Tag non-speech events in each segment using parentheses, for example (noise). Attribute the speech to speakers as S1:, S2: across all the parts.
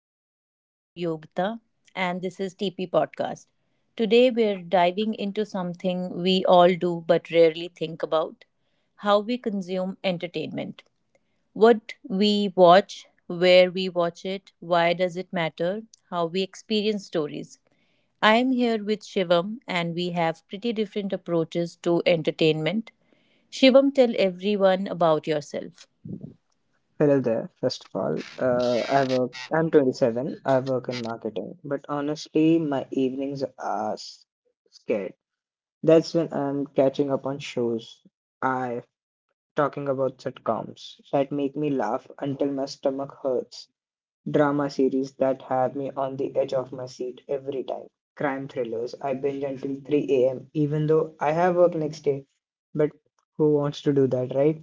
S1: everyone. I'm Yogita, and this is TP Podcast. Today, we're diving into something we all do but rarely think about how we consume entertainment. What we watch, where we watch it, why does it matter, how we experience stories. I am here with Shivam, and we have pretty different approaches to entertainment. Shivam, tell everyone about yourself.
S2: Hello there. First of all, I work. I'm 27. I work in marketing, but honestly, my evenings are scared. That's when I'm catching up on shows. I talking about sitcoms that make me laugh until my stomach hurts. Drama series that have me on the edge of my seat every time. Crime thrillers I binge until 3 a.m. even though I have work next day. But who wants to do that, right?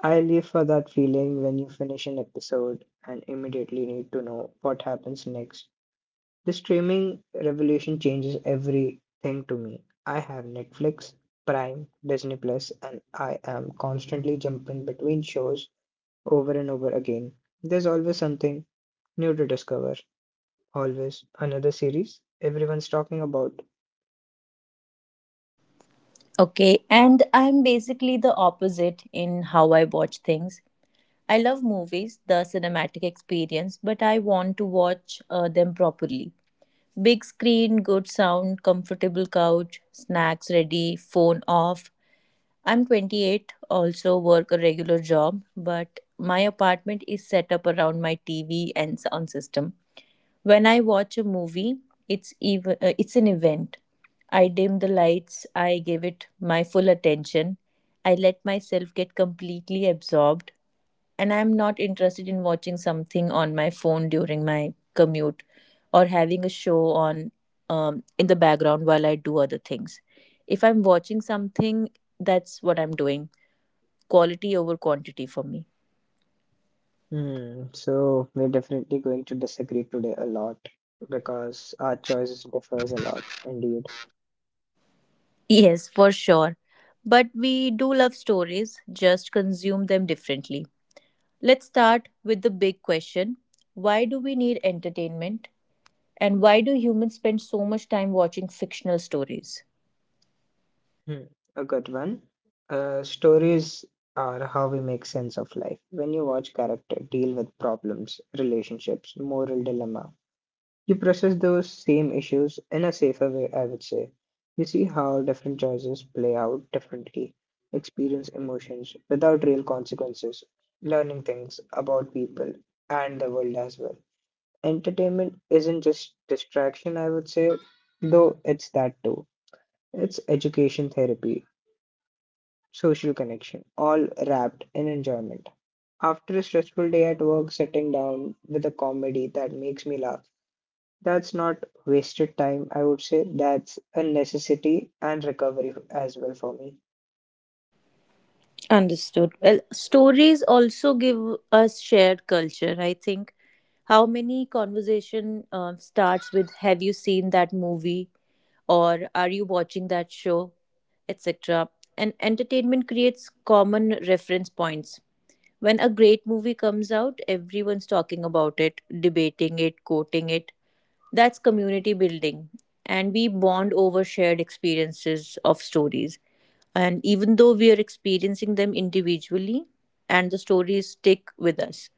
S2: I live for that feeling when you finish an episode and immediately need to know what happens next. The streaming revolution changes everything to me. I have Netflix, Prime, Disney Plus, and I am constantly jumping between shows over and over again. There's always something new to discover. Always another series everyone's talking about.
S1: Okay, and I'm basically the opposite in how I watch things. I love movies, the cinematic experience, but I want to watch them properly. Big screen, good sound, comfortable couch, snacks ready, phone off. I'm 28, also work a regular job, but my apartment is set up around my TV and sound system. When I watch a movie, it's an event. I dim the lights, I give it my full attention. I let myself get completely absorbed, and I'm not interested in watching something on my phone during my commute or having a show on in the background while I do other things. If I'm watching something, that's what I'm doing. Quality over quantity for me.
S2: Hmm, so we're definitely going to disagree today a lot because our choices differs a lot indeed.
S1: Yes, for sure. But we do love stories, just consume them differently. Let's start with the big question: why do we need entertainment? And why do humans spend so much time watching fictional stories?
S2: Hmm, a good one. Stories are how we make sense of life. When you watch character deal with problems, relationships, moral dilemma, you process those same issues in a safer way, I would say. You see how different choices play out differently, experience emotions without real consequences, learning things about people and the world as well. Entertainment isn't just distraction, I would say, though it's that too. It's education therapy social connection, all wrapped in enjoyment. After a stressful day at work, sitting down with a comedy that makes me laugh, that's not wasted time, I would say. That's a necessity and recovery as well for me.
S1: Understood. Well, stories also give us shared culture. I think, how many conversation starts with "Have you seen that movie?" or "Are you watching that show?" etc. And entertainment creates common reference points. When a great movie comes out, everyone's talking about it, debating it, quoting it. That's community building. And we bond over shared experiences of stories. And even though we are experiencing them individually, and the stories stick with us.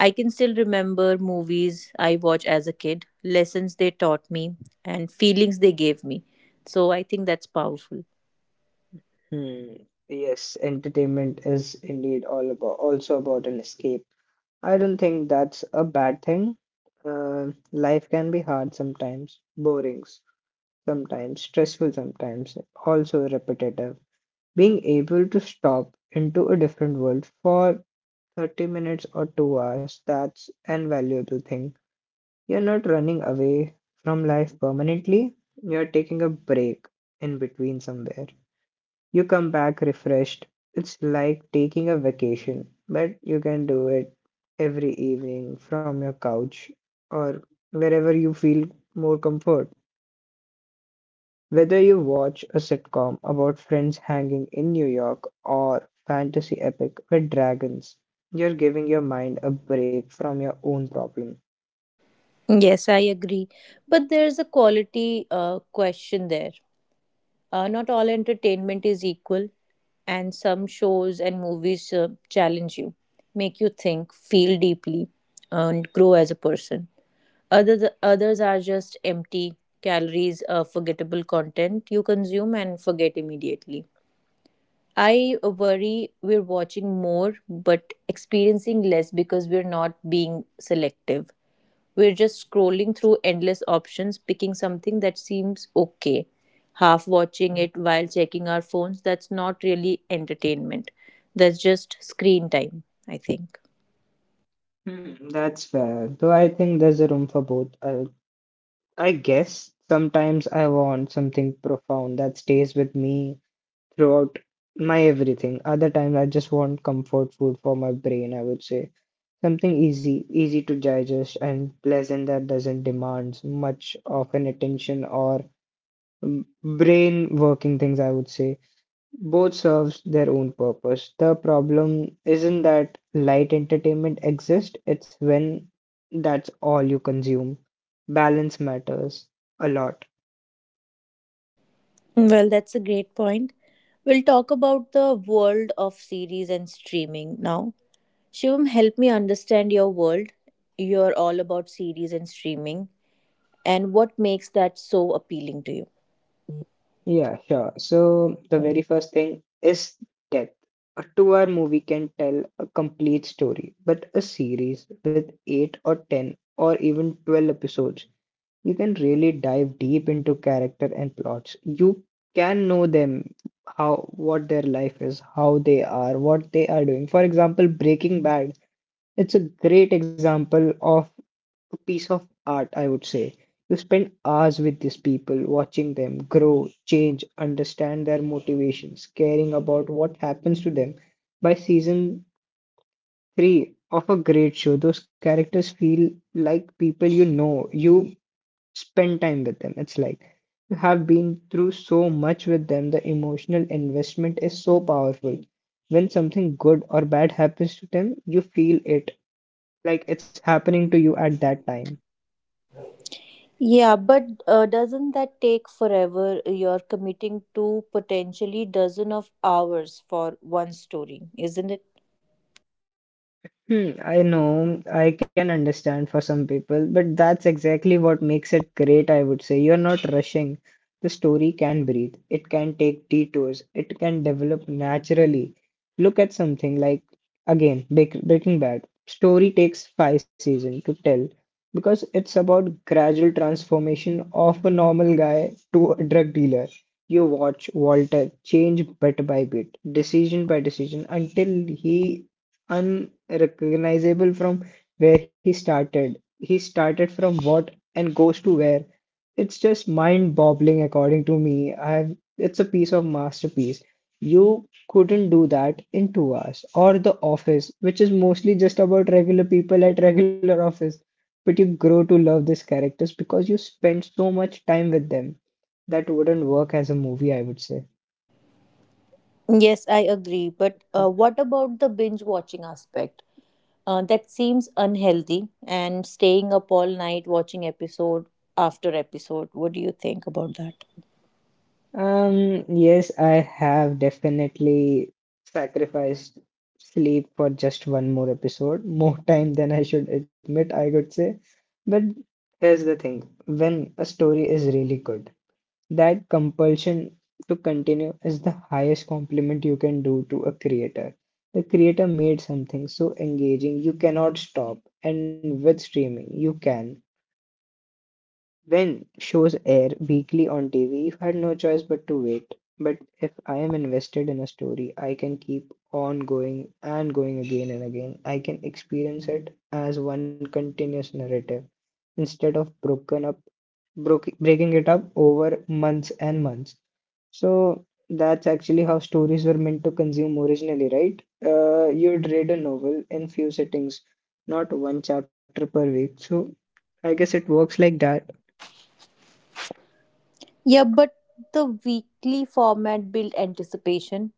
S1: I can still remember movies I watched as a kid, lessons they taught me, and feelings they gave me. So I think that's powerful.
S2: Hmm. Yes, entertainment is indeed all about also about an escape. I don't think that's a bad thing. Uh, life can be hard sometimes, boring sometimes, stressful sometimes, also repetitive. Being able to stop into a different world for 30 minutes or 2 hours, that's an valuable thing. You're not running away from life permanently, you're taking a break in between somewhere. You come back refreshed. It's like taking a vacation, but you can do it every evening from your couch or wherever you feel more comfort. Whether you watch a sitcom about friends hanging in New York or fantasy epic with dragons, you're giving your mind a break from your own problem.
S1: Yes, I agree. But there's a quality question there. Not all entertainment is equal, and some shows and movies challenge you, make you think, feel deeply, and grow as a person. Others are just empty calories, forgettable content you consume and forget immediately. I worry we're watching more but experiencing less because we're not being selective. We're just scrolling through endless options, picking something that seems okay, half watching it while checking our phones. That's not really entertainment, that's just screen time, I think.
S2: Hmm, that's fair. Though I think there's a room for both. I guess sometimes I want something profound that stays with me throughout my everything. Other times I just want comfort food for my brain, I would say. Something easy, easy to digest and pleasant that doesn't demand much of an attention or brain working things, I would say. Both serves their own purpose. The problem isn't that light entertainment exists, it's when that's all you consume. Balance matters a lot.
S1: Well, that's a great point. We'll talk about the world of series and streaming now. Shivam, help me understand your world. You're all about series and streaming, and what makes that so appealing to you?
S2: Yeah, sure. So the very first thing is depth. A 2 hour movie can tell a complete story, but a series with eight or ten or even 12 episodes, you can really dive deep into character and plots. You can know them, how what their life is, how they are, what they are doing. For example, Breaking Bad. It's a great example of a piece of art, I would say. You spend hours with these people, watching them grow, change, understand their motivations, caring about what happens to them. By season 3 of a great show, those characters feel like people you know. You spend time with them. It's like you have been through so much with them. The emotional investment is so powerful. When something good or bad happens to them, you feel it like it's happening to you at that time.
S1: Yeah, but doesn't that take forever? You're committing to potentially dozen of hours for one story, isn't it?
S2: Hmm, I know, I can understand for some people, but that's exactly what makes it great, I would say. You're not rushing. The story can breathe, it can take detours, it can develop naturally. Look at something like, again, Breaking Bad. Story takes 5 seasons to tell because it's about gradual transformation of a normal guy to a drug dealer. You watch Walter change bit by bit, decision by decision, until he unrecognizable from where he started. He started from what and goes to where. It's just mind-boggling, according to me. I have, it's a piece of masterpiece. You couldn't do that in 2 hours. Or The Office, which is mostly just about regular people at regular office. But you grow to love these characters because you spend so much time with them. That wouldn't work as a movie, I would say.
S1: Yes, I agree. But what about the binge watching aspect? That seems unhealthy and staying up all night watching episode after episode. What do you think about that?
S2: Yes, I have definitely sacrificed sleep for just one more episode, more time than I should admit, I could say. But here's the thing, when a story is really good, that compulsion to continue is the highest compliment you can do to a creator. The creator made something so engaging, you cannot stop. And with streaming, you can. When shows air weekly on TV, if I had no choice but to wait. But if I am invested in a story, I can keep on going and going again and again. I can experience it as one continuous narrative instead of breaking it up over months and months. So that's actually how stories were meant to consume originally, right? You'd read a novel in few sittings, not one chapter per week. So I guess it works like that.
S1: Yeah, but the weekly format built anticipation,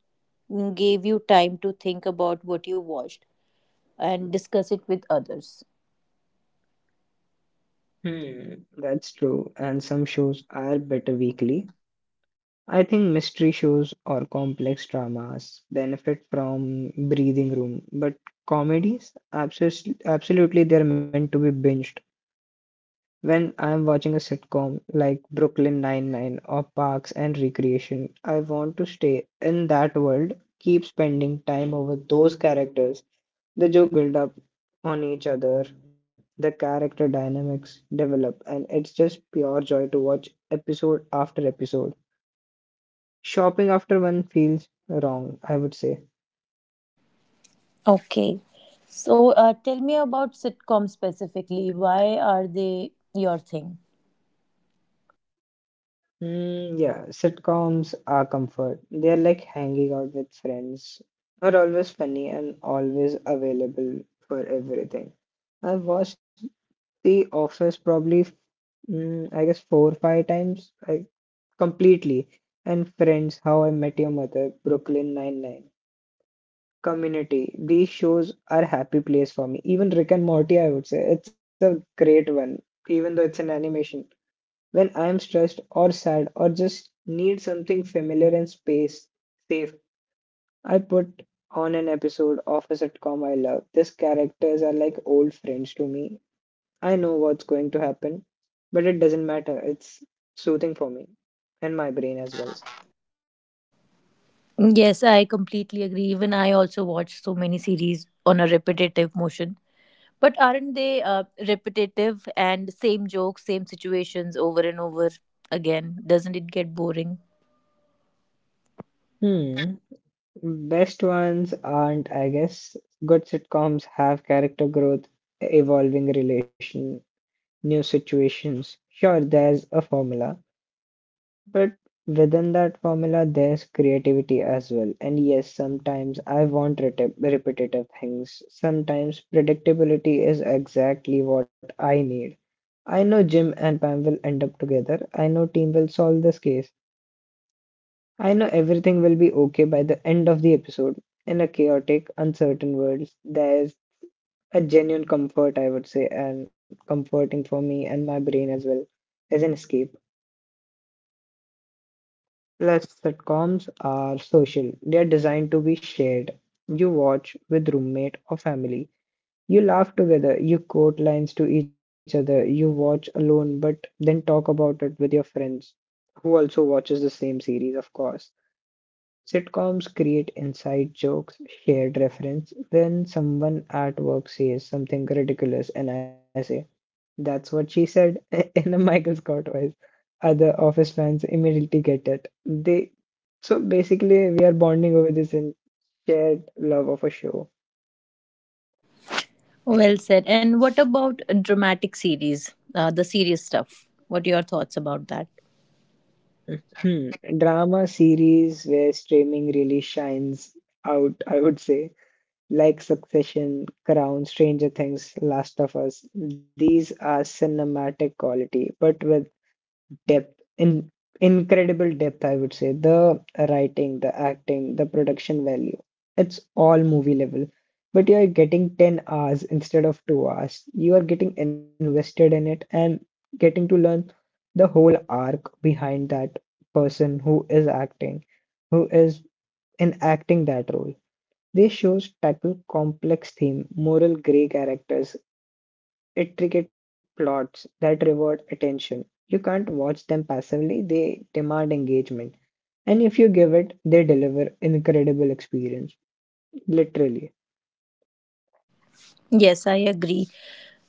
S1: mm, gave you time to think about what you watched and discuss it with others.
S2: Hmm, that's true, and some shows are better weekly. I think mystery shows or complex dramas benefit from breathing room, but comedies, absolutely, absolutely, they're meant to be binged. When I'm watching a sitcom like Brooklyn Nine-Nine or Parks and Recreation, I want to stay in that world, keep spending time over those characters. The joke build up on each other, the character dynamics develop, and it's just pure joy to watch episode after episode. Shopping after one feels wrong, I would say.
S1: Okay. So tell me about sitcoms specifically. Why are they your thing?
S2: Mm, yeah, sitcoms are comfort. They are like hanging out with friends, are always funny and always available for everything. I've watched The Office probably, I guess, four or five times. I Completely. And Friends, How I Met Your Mother, Brooklyn Nine-Nine, Community. These shows are happy place for me. Even Rick and Morty, I would say, it's a great one, even though it's an animation. When I am stressed or sad or just need something familiar and space, safe, I put on an episode of a sitcom I love. These characters are like old friends to me. I know what's going to happen, but it doesn't matter. It's soothing for me and my brain as well.
S1: Yes, I completely agree. Even I also watch so many series on a repetitive motion. But aren't they repetitive and same jokes, same situations over and over again? Doesn't it get boring?
S2: Hmm. Best ones aren't, I guess. Good sitcoms have character growth, evolving relation, new situations. Sure, there's a formula, but within that formula, there's creativity as well. And yes, sometimes I want repetitive things. Sometimes predictability is exactly what I need. I know Jim and Pam will end up together. I know team will solve this case. I know everything will be okay by the end of the episode. In a chaotic, uncertain world, there's a genuine comfort, I would say, and comforting for me and my brain as well as an escape. Plus, sitcoms are social, they are designed to be shared. You watch with roommate or family. You laugh together, you quote lines to each other, you watch alone, but then talk about it with your friends who also watches the same series, of course. Sitcoms create inside jokes, shared reference. When someone at work says something ridiculous and I say, that's what she said (laughs) in a Michael Scott voice, other office fans immediately get it. They so basically we are bonding over this and shared love of a show.
S1: Well said. And what about dramatic series, the serious stuff? What are your thoughts about that?
S2: Hmm. Drama series where streaming really shines out, I would say. Like Succession, Crown, Stranger Things, Last of Us, these are cinematic quality, but with depth, in incredible depth, I would say. The writing, the acting, the production value, it's all movie level. But you are getting 10 hours instead of 2 hours. You are getting invested in it and getting to learn the whole arc behind that person who is acting, who is enacting that role. These shows tackle complex themes, moral gray characters, intricate plots that reward attention. You can't watch them passively, they demand engagement. And if you give it, they deliver incredible experience. Literally.
S1: Yes, I agree.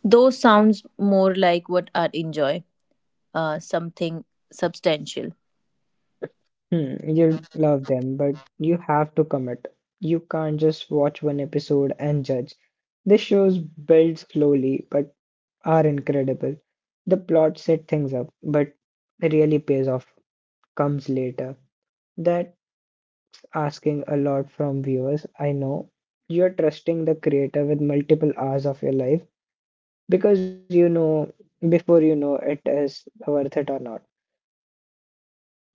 S1: Those sounds more like what I enjoy. Something substantial.
S2: Hmm, you'll love them, but you have to commit. You can't just watch one episode and judge. The shows build slowly but are incredible. The plot set things up, but really pays off comes later. That asking a lot from viewers. I know you're trusting the creator with multiple hours of your life because you know before you know it is worth it or not.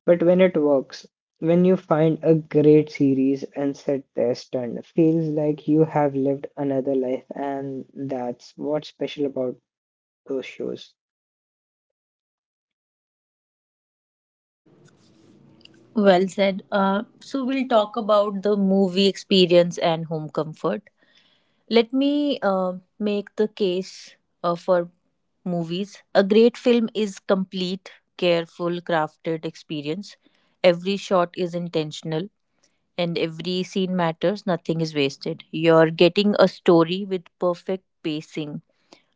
S2: But when it works, when you find a great series and set their stunned, feels like you have lived another life, and that's what's special about those shows.
S1: Well said. So we'll talk about the movie experience and home comfort. Let me make the case for movies. A great film is complete, careful, crafted experience. Every shot is intentional and every scene matters. Nothing is wasted. You're getting a story with perfect pacing,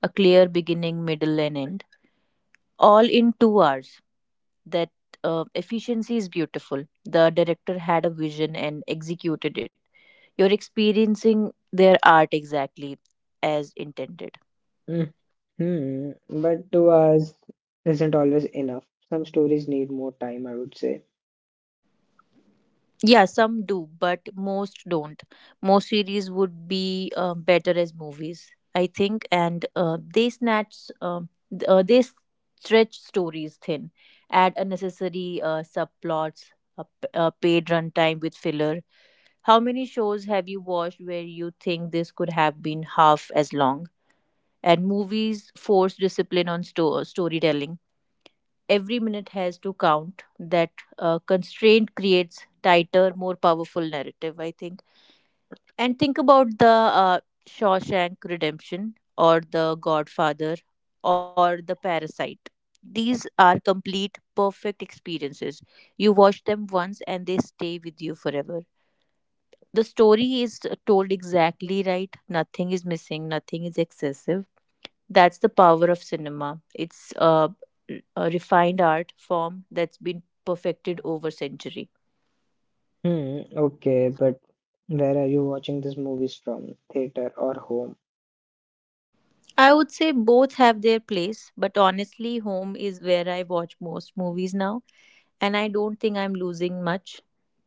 S1: a clear beginning, middle, and end all in 2 hours. That efficiency is beautiful. The director had a vision and executed it. You're experiencing their art exactly as intended.
S2: Hmm, but 2 hours isn't always enough. Some stories need more time, I would say.
S1: Yeah, some do, but most don't. Most series would be better as movies, I think, and they stretch stories thin, add unnecessary subplots, a paid runtime with filler. How many shows have you watched where you think this could have been half as long? And movies force discipline on storytelling. Every minute has to count. That constraint creates tighter, more powerful narrative, I think. And think about the uh, Shawshank Redemption or The Godfather or The Parasite. These are complete, perfect experiences. You watch them once and they stay with you forever. The story is told exactly right, nothing is missing, nothing is excessive. That's the power of cinema. It's a refined art form that's been perfected over century.
S2: Hmm, okay, but where are you watching these movies from? Theater or home?
S1: I would say both have their place, but honestly, home is where I watch most movies now, and I don't think I'm losing much.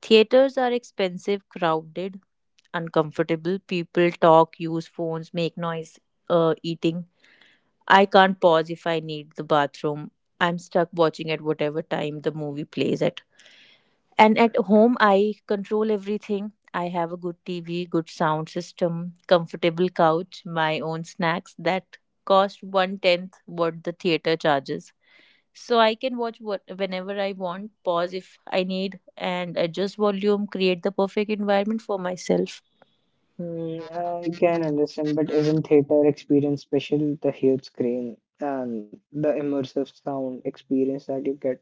S1: Theaters are expensive, crowded, uncomfortable. People talk, use phones, make noise, eating. I can't pause if I need the bathroom. I'm stuck watching at whatever time the movie plays at. And at home, I control everything. I have a good TV, good sound system, comfortable couch, my own snacks that cost one tenth what the theater charges. So I can watch what whenever I want, pause if I need, and adjust volume, create the perfect environment for myself.
S2: Hmm, I can understand, but isn't theater experience special? The huge screen and the immersive sound experience that you get.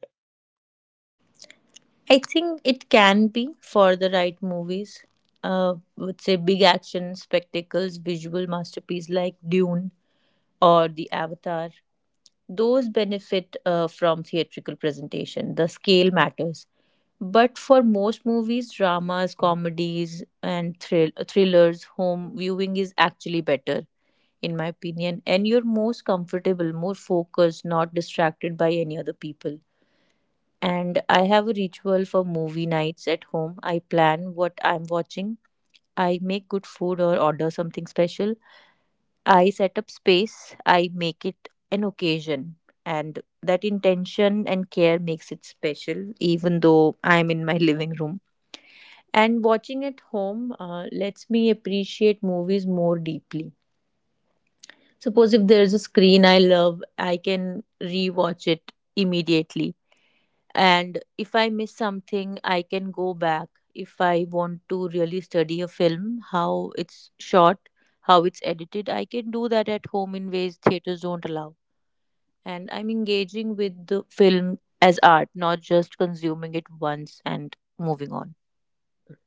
S1: I think it can be for the right movies. Would say big action spectacles, visual masterpiece like Dune or The Avatar. Those benefit from theatrical presentation. The scale matters. But for most movies, dramas, comedies, and thrillers, home viewing is actually better, in my opinion. And you're most comfortable, more focused, not distracted by any other people. And I have a ritual for movie nights at home. I plan what I'm watching. I make good food or order something special. I set up space. I make it an occasion. And that intention and care makes it special, even though I'm in my (laughs) living room. And watching at home lets me appreciate movies more deeply. Suppose if there's a screen I love, I can rewatch it immediately, and if I miss something, I can go back. If I want to really study a film, how it's shot, how it's edited, I can do that at home in ways theaters don't allow. And I'm engaging with the film as art, not just consuming it once and moving on.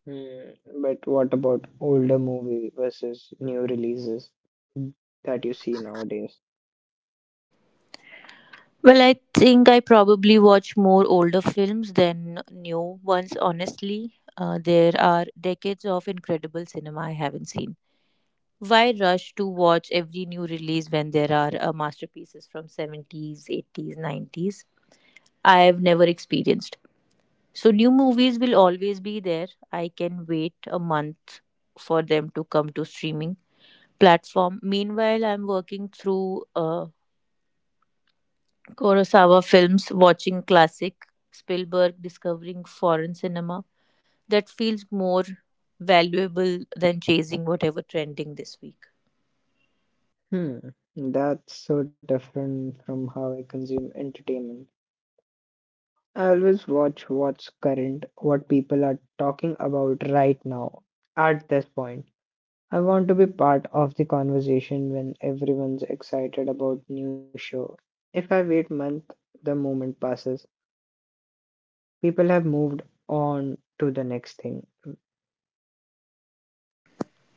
S2: But what about older movie versus new releases that you see nowadays?
S1: Well, I think I probably watch more older films than new ones honestly. There are decades of incredible cinema I haven't seen. Why rush to watch every new release when there are masterpieces from 70s, 80s, 90s? I have never experienced. So new movies will always be there. I can wait a month for them to come to streaming platform. Meanwhile, I'm working through Kurosawa films, watching classic Spielberg, discovering foreign cinema that feels more valuable than chasing whatever trending this week.
S2: Hmm, that's so different from how I consume entertainment. I always watch what's current, what people are talking about right now. At this point, I want to be part of the conversation when everyone's excited about new show. If I wait month, the moment passes. People have moved on to the next thing.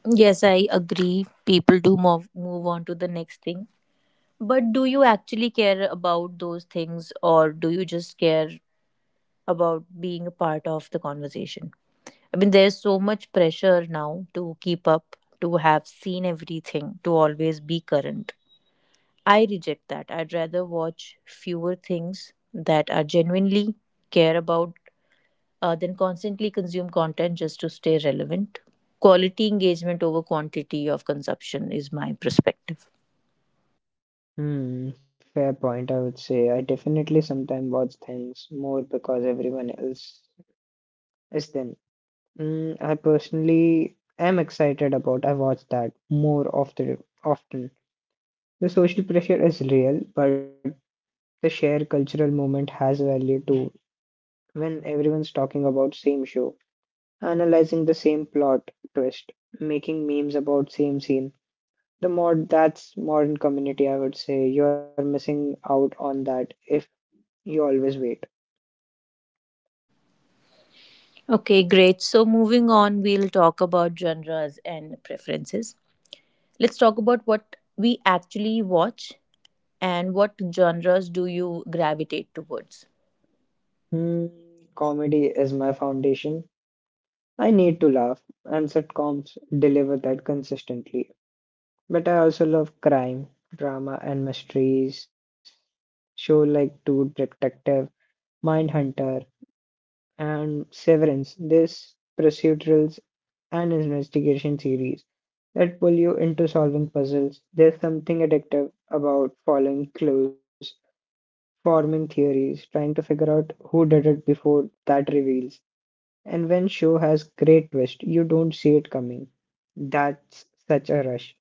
S1: Yes, I agree. People do move on to the next thing. But do you actually care about those things, or do you just care about being a part of the conversation? I mean, there's so much pressure now to keep up, to have seen everything, to always be current. I reject that. I'd rather watch fewer things that I genuinely care about than constantly consume content just to stay relevant. Quality engagement over quantity of consumption is my perspective.
S2: Fair point, I would say. I definitely sometimes watch things more because everyone else is then. I personally am excited about I watch that more often. The social pressure is real, but the shared cultural moment has value too. When everyone's talking about same show, analyzing the same plot twist, making memes about same scene, the modern community, I would say. You're missing out on that if you always wait.
S1: Okay, great. So, moving on, we'll talk about genres and preferences. Let's talk about what we actually watch and what genres do you gravitate towards.
S2: Hmm, Comedy is my foundation. I need to laugh, and sitcoms deliver that consistently. But I also love crime, drama, and mysteries show like True Detective, Mindhunter, and Severance. These procedurals and investigation series that pull you into solving puzzles. There's something addictive about following clues, forming theories, trying to figure out who did it before that reveals. And when show has great twist, you don't see it coming. That's such a rush.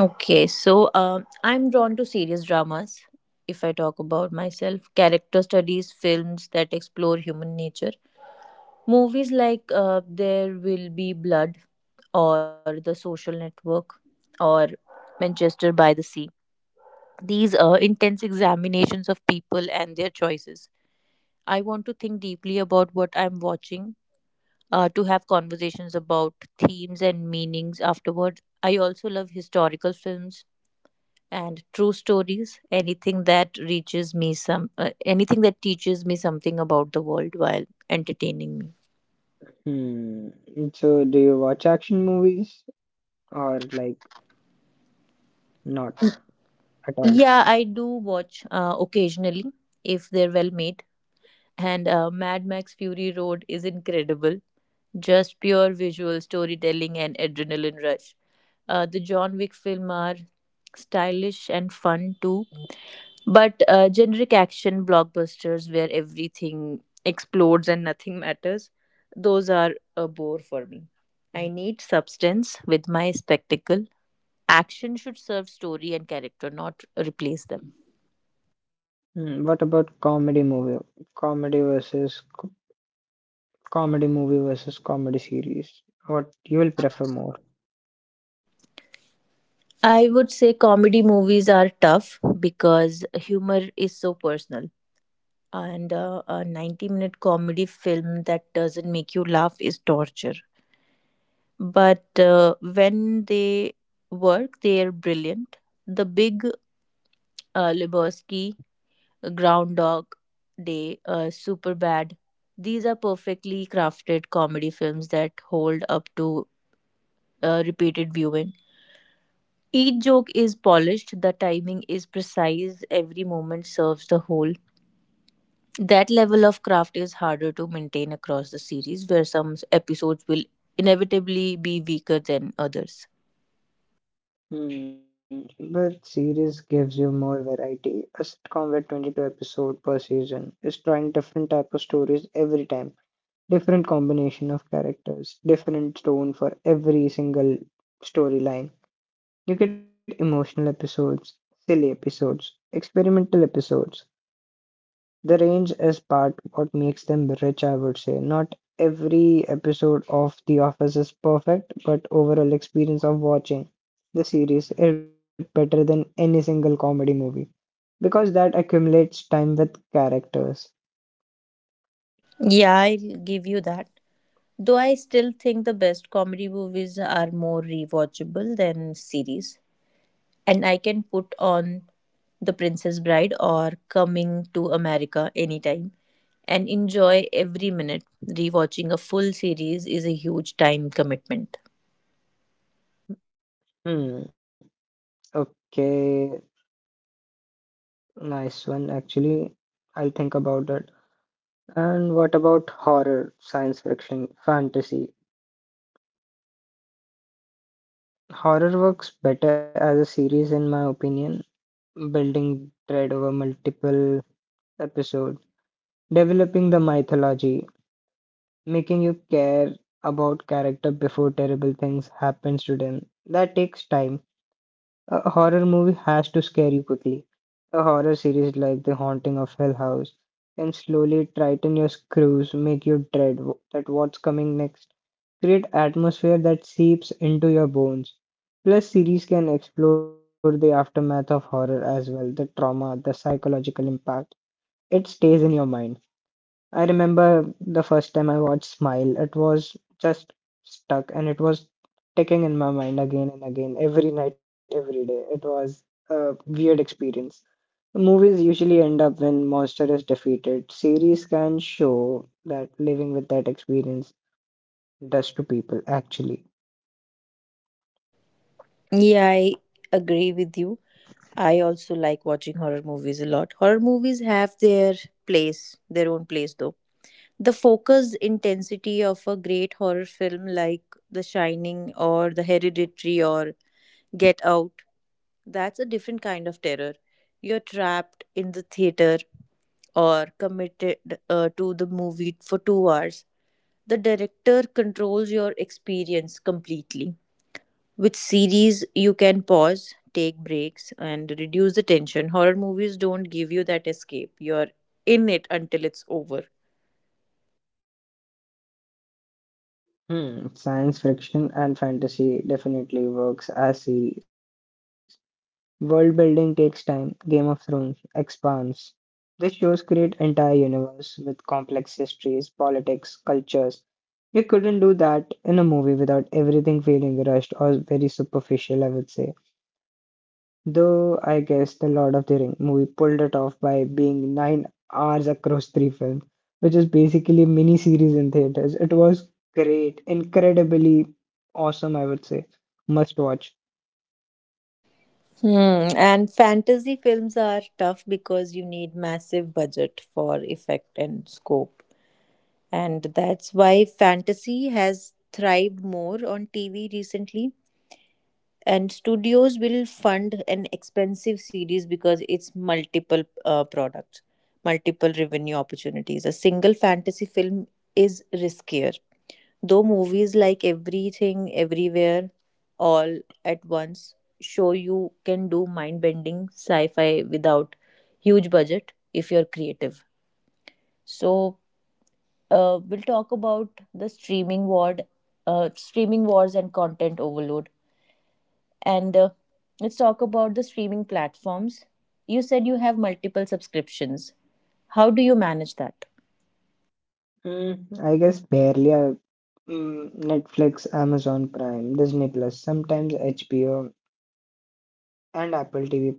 S1: Okay, so I'm drawn to serious dramas. If I talk about myself, character studies, films that explore human nature, movies like There Will Be Blood or The Social Network or Manchester by the Sea. These are intense examinations of people and their choices. I want to think deeply about what I'm watching, to have conversations about themes and meanings afterwards. I also love historical films and true stories. Anything that reaches me some, anything that teaches me something about the world while entertaining me.
S2: Hmm. So do you watch action movies or like not at all?
S1: Yeah, I do watch occasionally if they're well made. And Mad Max Fury Road is incredible. Just pure visual storytelling and adrenaline rush. The John Wick film are stylish and fun too, but generic action blockbusters where everything explodes and nothing matters, those are a bore for me. I need substance with my spectacle. Action should serve story and character, not replace them.
S2: Hmm, what about comedy movie? Comedy versus comedy movie versus comedy series. What you will prefer more?
S1: I would say comedy movies are tough because humor is so personal. And a 90-minute comedy film that doesn't make you laugh is torture. But when they work, they are brilliant. The Big Lebowski, Groundhog Day, Superbad, these are perfectly crafted comedy films that hold up to repeated viewing. Each joke is polished, the timing is precise, every moment serves the whole. That level of craft is harder to maintain across the series, where episodes will inevitably be weaker than others.
S2: Hmm, but series gives you more variety. A sitcom with 22 episode per season is trying different type of stories every time, different combination of characters, different tone for every single storyline. You get emotional episodes, silly episodes, experimental episodes, the range is part what makes them rich, I would say. Not every episode of The Office is perfect, but overall experience of watching the series is better than any single comedy movie because that accumulates time with characters.
S1: Yeah, I'll give you that. Though I still think the best comedy movies are more rewatchable than series. And I can put on The Princess Bride or Coming to America anytime and enjoy every minute. Rewatching a full series is a huge time commitment.
S2: Hmm. Okay. Nice one, actually. I'll think about it. And what about horror, science fiction, fantasy? Horror works better as a series, in my opinion, building dread over multiple episode developing the mythology, making you care about character before terrible things happens to them. That takes time. A horror movie has to scare you quickly. A horror series like The Haunting of Hill House can slowly tighten your screws, make you dread that what's coming next, create atmosphere that seeps into your bones. Plus, series can explore the aftermath of horror as well, the trauma, the psychological impact. It stays in your mind. I remember the first time I watched Smile, it was just stuck and it was ticking in my mind again and again, every night, every day. It was a weird experience. Movies usually end up when monster is defeated. Series can show that living with that experience does to people actually.
S1: Yeah, I agree with you. I also like watching horror movies a lot. Horror movies have their place, their own place though. The focus intensity of a great horror film like The Shining or The Hereditary or Get Out, that's a different kind of terror. You're trapped in the theater or committed to the movie for 2 hours. The director controls your experience completely. With series, you can pause, take breaks, and reduce the tension. Horror movies don't give you that escape. You're in it until it's over.
S2: Hmm, science fiction and fantasy definitely works as series. World building takes time. Game of Thrones, Expanse, these shows create entire universe with complex histories, politics, cultures. You couldn't do that in a movie without everything feeling rushed or very superficial, I would say. Though I guess the Lord of the Ring movie pulled it off by being 9 hours across three films, which is basically a mini series in theaters. It was great, incredibly awesome, I would say. Must watch.
S1: Hmm. And fantasy films are tough because you need massive budget for effect and scope. And that's why fantasy has thrived more on TV recently. And studios will fund an expensive series because it's multiple products, multiple revenue opportunities. A single fantasy film is riskier, though movies like Everything Everywhere All at Once show you can do mind bending sci-fi without huge budget if you're creative. So we'll talk about the streaming wars and content overload, and let's talk about the streaming platforms. You said you have multiple subscriptions. How do you manage that?
S2: I guess barely Netflix, Amazon Prime, Disney Plus, sometimes HBO, and Apple TV Plus, of course.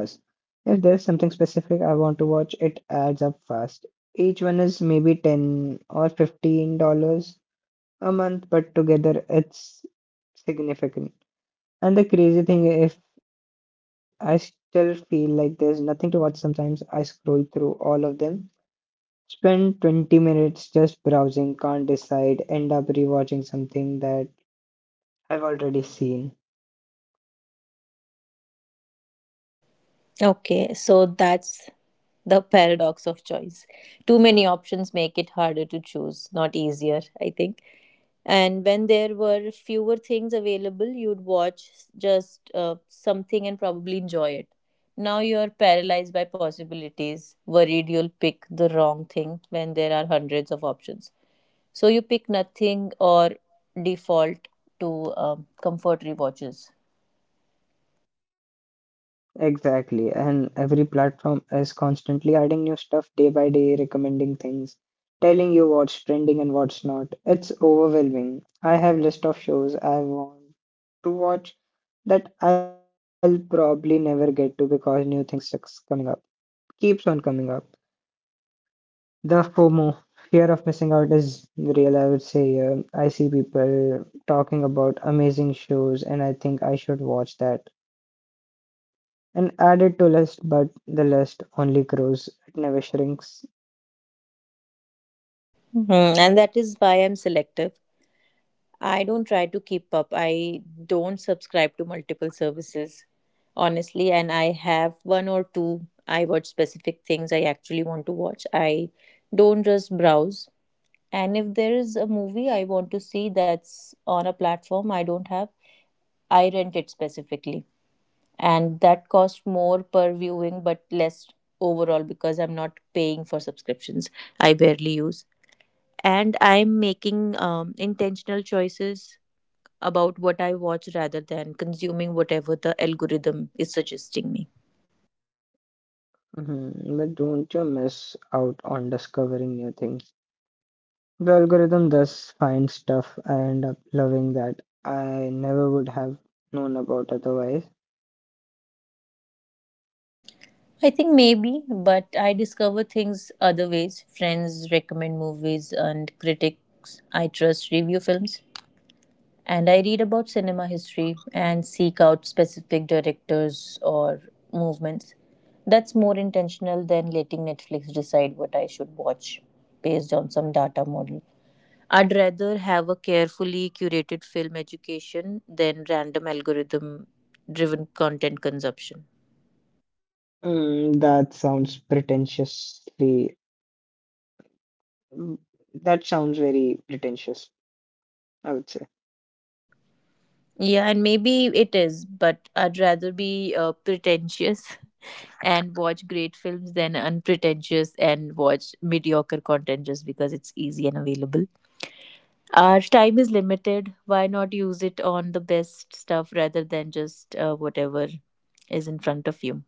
S2: If there's something specific I want to watch, it adds up fast. Each one is maybe 10 or $15 a month, but together it's significant. And the crazy thing, if I still feel like there's nothing to watch sometimes, I scroll through all of them, spend 20 minutes just browsing, can't decide, end up rewatching something that I've already seen.
S1: Okay, so that's the paradox of choice. Too many options make it harder to choose, not easier, I think. And when there were fewer things available, you'd watch just something and probably enjoy it. Now you're paralyzed by possibilities, worried you'll pick the wrong thing when there are hundreds of options. So you pick nothing or default to comfort rewatches.
S2: Exactly. And every platform is constantly adding new stuff day by day, recommending things, telling you what's trending and what's not. It's overwhelming. I have list of shows I want to watch that I'll probably never get to because new things keeps coming up. Keeps on coming up. The FOMO, fear of missing out is real, I would say. I see people talking about amazing shows and I think I should watch that and add it to list, but the list only grows, it never shrinks.
S1: Mhm. And that is why I'm selective. I don't try to keep up. I don't subscribe to multiple services, honestly. And I have one or two. I watch specific things I actually want to watch. I don't just browse. And if there is a movie I want to see that's on a platform I don't have, I rent it specifically. And that costs more per viewing but less overall because I'm not paying for subscriptions I barely use, and I'm making intentional choices about what I watch rather than consuming whatever the algorithm is suggesting me.
S2: Mhm, but don't you miss out on discovering new things. The algorithm does find stuff I end up loving that I never would have known about otherwise.
S1: I think maybe, but I discover things other ways. Friends recommend movies and critics I trust review films, and I read about cinema history and seek out specific directors or movements. That's more intentional than letting Netflix decide what I should watch based on some data model. I'd rather have a carefully curated film education than random algorithm driven content consumption.
S2: That sounds pretentiously. That sounds very pretentious, I would say.
S1: Yeah, and maybe it is, but I'd rather be pretentious (laughs) and watch great films than unpretentious and watch mediocre content just because it's easy and available. Our time is limited. Why not use it on the best stuff rather than just whatever is in front of you?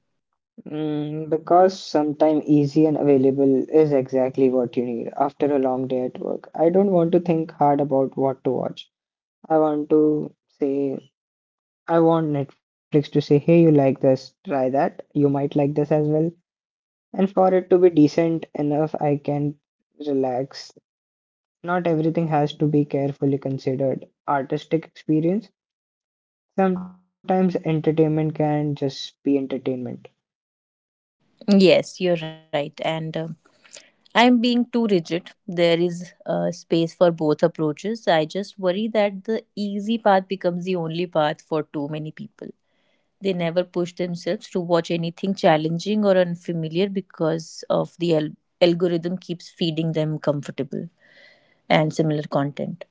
S2: Because sometime easy and available is exactly what you need after a long day at work. I don't want to think hard about what to watch. I want to say, I want Netflix to say, hey, you like this, try that. You might like this as well. And for it to be decent enough, I can relax. Not everything has to be carefully considered. Artistic experience, sometimes entertainment can just be entertainment.
S1: Yes, you're right. And I'm being too rigid. There is space for both approaches. I just worry that the easy path becomes the only path for too many people. They never push themselves to watch anything challenging or unfamiliar because of the algorithm keeps feeding them comfortable and similar content.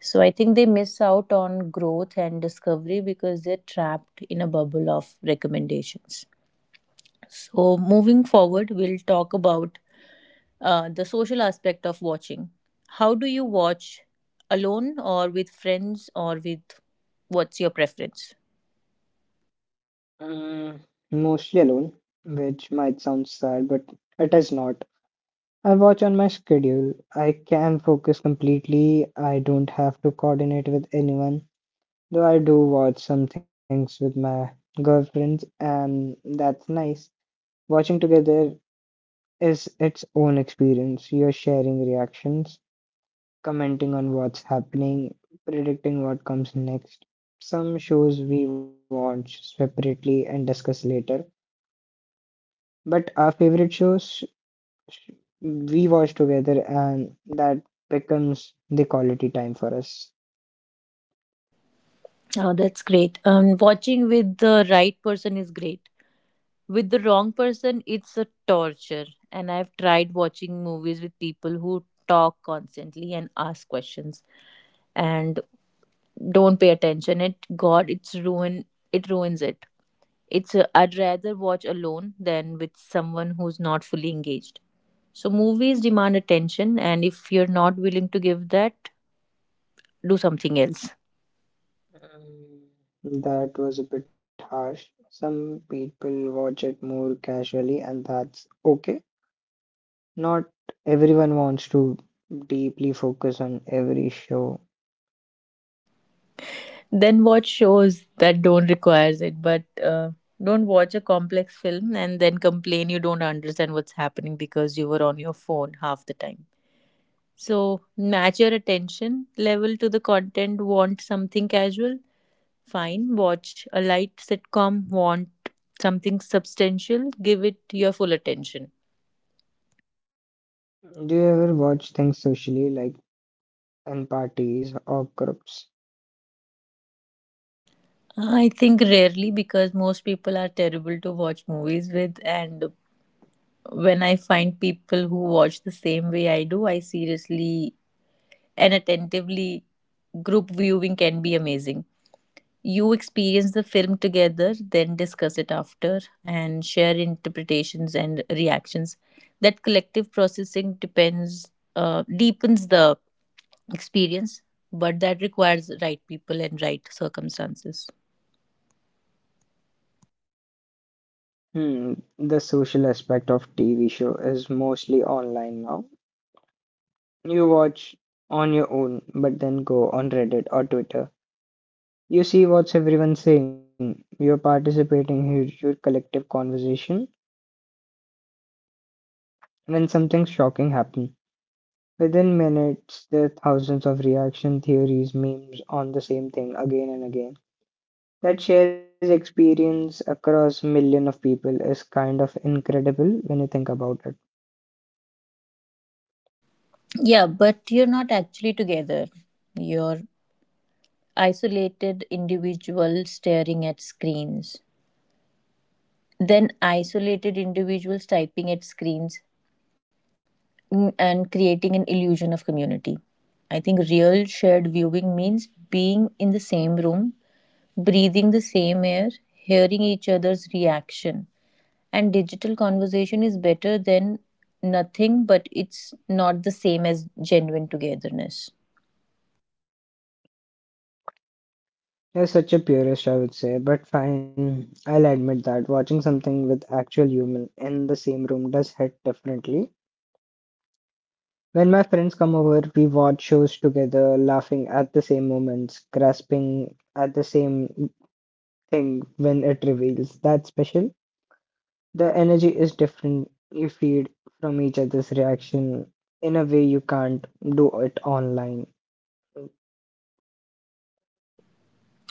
S1: So I think they miss out on growth and discovery because they're trapped in a bubble of recommendations. So moving forward, we'll talk about the social aspect of watching. How do you watch, alone or with friends or with, what's your preference?
S2: Mm, Mostly alone, which might sound sad, but it is not. I watch on my schedule. I can focus completely. I don't have to coordinate with anyone. Though I do watch some things with my girlfriends, and that's nice. Watching together is its own experience. You're sharing reactions, commenting on what's happening, predicting what comes next. Some shows we watch separately and discuss later, but our favorite shows sh- we watch together, and that becomes the quality time for us.
S1: Oh, that's great. Watching with the right person is great. With the wrong person, it's a torture. And I've tried watching movies with people who talk constantly and ask questions and don't pay attention. It, God, it's ruin. It ruins it. It's, I would rather watch alone than with someone who's not fully engaged. So movies demand attention, and if you're not willing to give that, do something else.
S2: Mm, that was a bit harsh. Some people watch it more casually, and that's okay. Not everyone wants to deeply focus on every show.
S1: Then watch shows that don't requires it, but don't watch a complex film and then complain you don't understand what's happening because you were on your phone half the time. So match your attention level to the content. Want something casual? Fine, watch a light sitcom. Want something substantial? Give it your full attention.
S2: Do you ever watch things socially, like in parties or groups?
S1: I think rarely, because most people are terrible to watch movies with, and when I find people who watch the same way I do, I seriously and attentively, group viewing can be amazing. You experience the film together, then discuss it after and share interpretations and reactions. That collective processing depends deepens the experience, but that requires right people and right circumstances.
S2: Hmm, the social aspect of TV show is mostly online now. You watch on your own, but then go on Reddit or Twitter. You see what's everyone saying. You're participating in your collective conversation, and then something shocking happens. Within minutes, there are thousands of reaction theories, memes on the same thing again and again. That shares experience across millions of people is kind of incredible when you think about it.
S1: Yeah, but you're not actually together. You're isolated individuals staring at screens, then isolated individuals typing at screens, and creating an illusion of community. I think real shared viewing means being in the same room, breathing the same air, hearing each other's reaction. And digital conversation is better than nothing, but it's not the same as genuine togetherness.
S2: You're such a purist, I would say, but fine, I'll admit that watching something with actual human in the same room does hit differently. When my friends come over, we watch shows together, laughing at the same moments, grasping at the same thing when it reveals that special. The energy is different. You feed from each other's reaction in a way you can't do it online.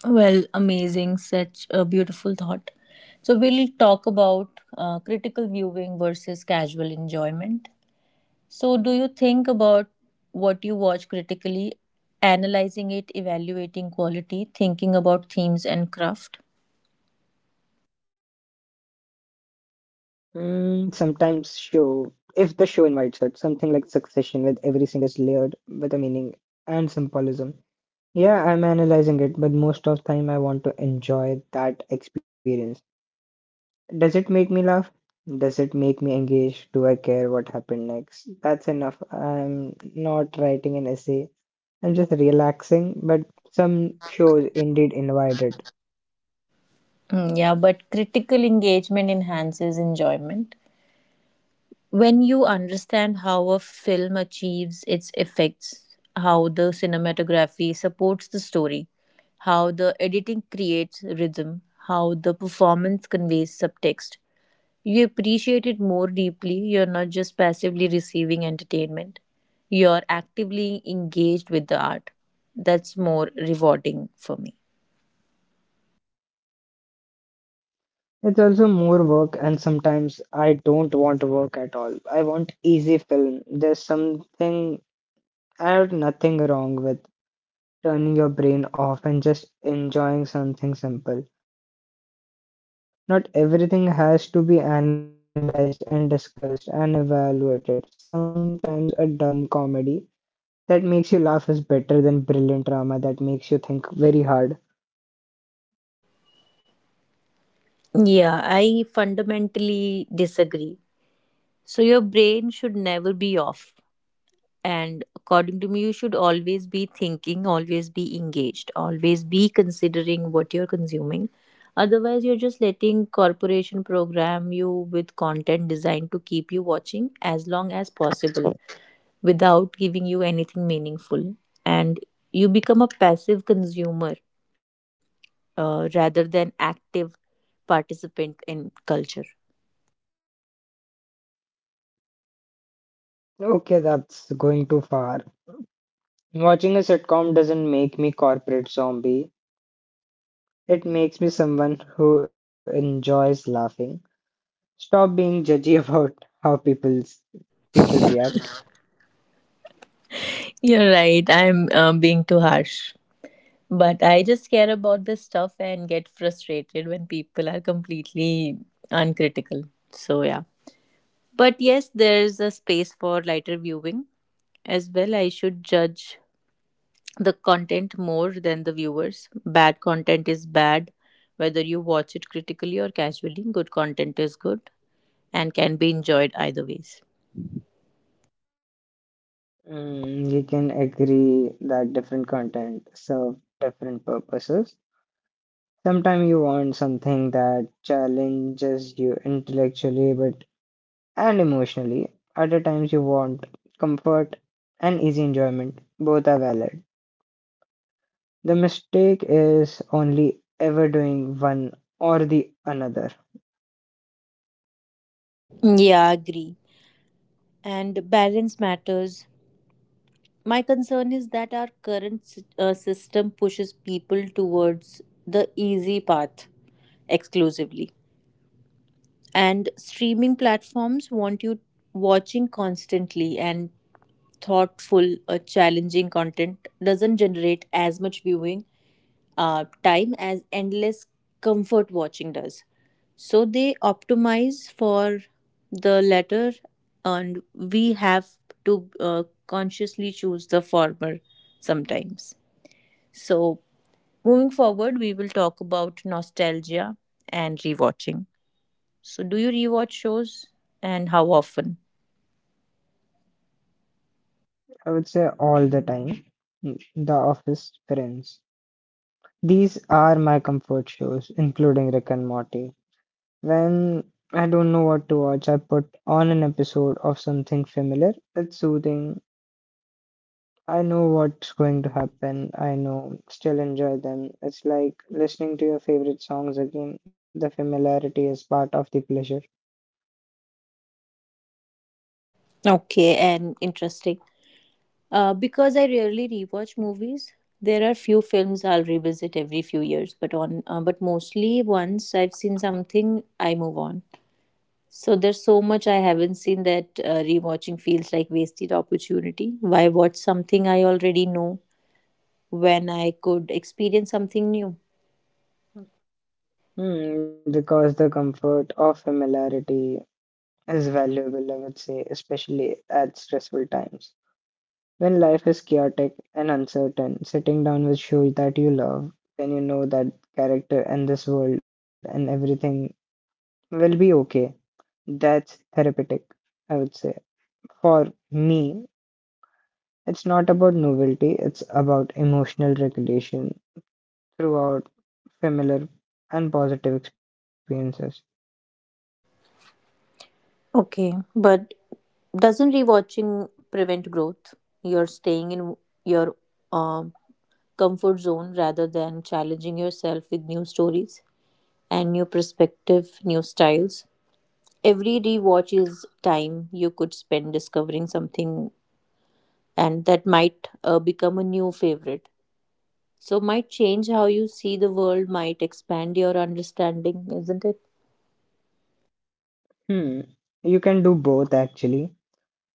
S1: Well, amazing, such a beautiful thought. So, we'll talk about critical viewing versus casual enjoyment. So, do you think about what you watch critically, analyzing it, evaluating quality, thinking about themes and craft?
S2: Sometimes show if the show invites it, something like Succession with every single layered with a meaning and symbolism. Yeah, I'm analyzing it, but most of time I want to enjoy that experience. Does it make me laugh? Does it make me engage? Do I care what happened next? That's enough. I'm not writing an essay. I'm just relaxing, but some shows indeed invite it.
S1: Yeah, but critical engagement enhances enjoyment. When you understand how a film achieves its effects, how the cinematography supports the story, how the editing creates rhythm, how the performance conveys subtext, you appreciate it more deeply. You're not just passively receiving entertainment, you're actively engaged with the art. That's more rewarding for me.
S2: It's also more work, and sometimes I don't want work at all. I want easy film. There's something or nothing wrong with turning your brain off and just enjoying something simple. Not everything has to be analyzed and discussed and evaluated. Sometimes a dumb comedy that makes you laugh is better than brilliant drama that makes you think very hard.
S1: Yeah, I fundamentally disagree. So, your brain should never be off. And according to me, you should always be thinking, always be engaged, always be considering what you're consuming. Otherwise, you're just letting corporation program you with content designed to keep you watching as long as possible without giving you anything meaningful. And you become a passive consumer rather than active participant in culture.
S2: Okay, that's going too far. Watching a sitcom doesn't make me corporate zombie. It makes me someone who enjoys laughing. Stop being judgy (laughs) about how people react.
S1: You're right. I'm being too harsh. But I just care about this stuff and get frustrated when people are completely uncritical. So, yeah. But yes, there's a space for lighter viewing as well. I should judge the content more than the viewers. Bad content is bad, whether you watch it critically or casually. Good content is good and can be enjoyed either ways.
S2: Mm, we can agree that different content serve different purposes. Sometimes you want something that challenges you intellectually but and emotionally. Other times you want comfort and easy enjoyment. Both are valid. The mistake is only ever doing one or the another.
S1: Yeah, agree. And balance matters. My concern is that our current system pushes people towards the easy path exclusively. And streaming platforms want you watching constantly, and thoughtful, challenging content doesn't generate as much viewing time as endless comfort watching does. So they optimize for the latter, and we have to consciously choose the former sometimes. So, moving forward, we will talk about nostalgia and rewatching. So, do you rewatch shows, and how often?
S2: I would say all the time. Mm, the Office, Friends. These are my comfort shows, including Rick and Morty. When I don't know what to watch, I put on an episode of something familiar. It's soothing. I know what's going to happen. I know, still enjoy them. It's like listening to your favorite songs again. The familiarity is part of the pleasure.
S1: Okay, and interesting. Because I rarely rewatch movies, there are few films I'll revisit every few years, but on but mostly once I've seen something, I move on. So there's so much I haven't seen that rewatching feels like wasted opportunity. Why watch something I already know when I could experience something new?
S2: Hmm, because the comfort of familiarity is valuable, I would say, especially at stressful times. When life is chaotic and uncertain, sitting down with shows that you love, when you know that character and this world and everything will be okay, that's therapeutic, I would say. For me, it's not about novelty, it's about emotional regulation throughout familiar and positive experiences.
S1: Okay, but doesn't rewatching prevent growth? You're staying in your um, comfort zone rather than challenging yourself with new stories, and new perspective, new styles. Every rewatch is time you could spend discovering something, and that might become a new favorite. So, might change how you see the world, might expand your understanding, isn't it?
S2: Hmm, you can do both actually.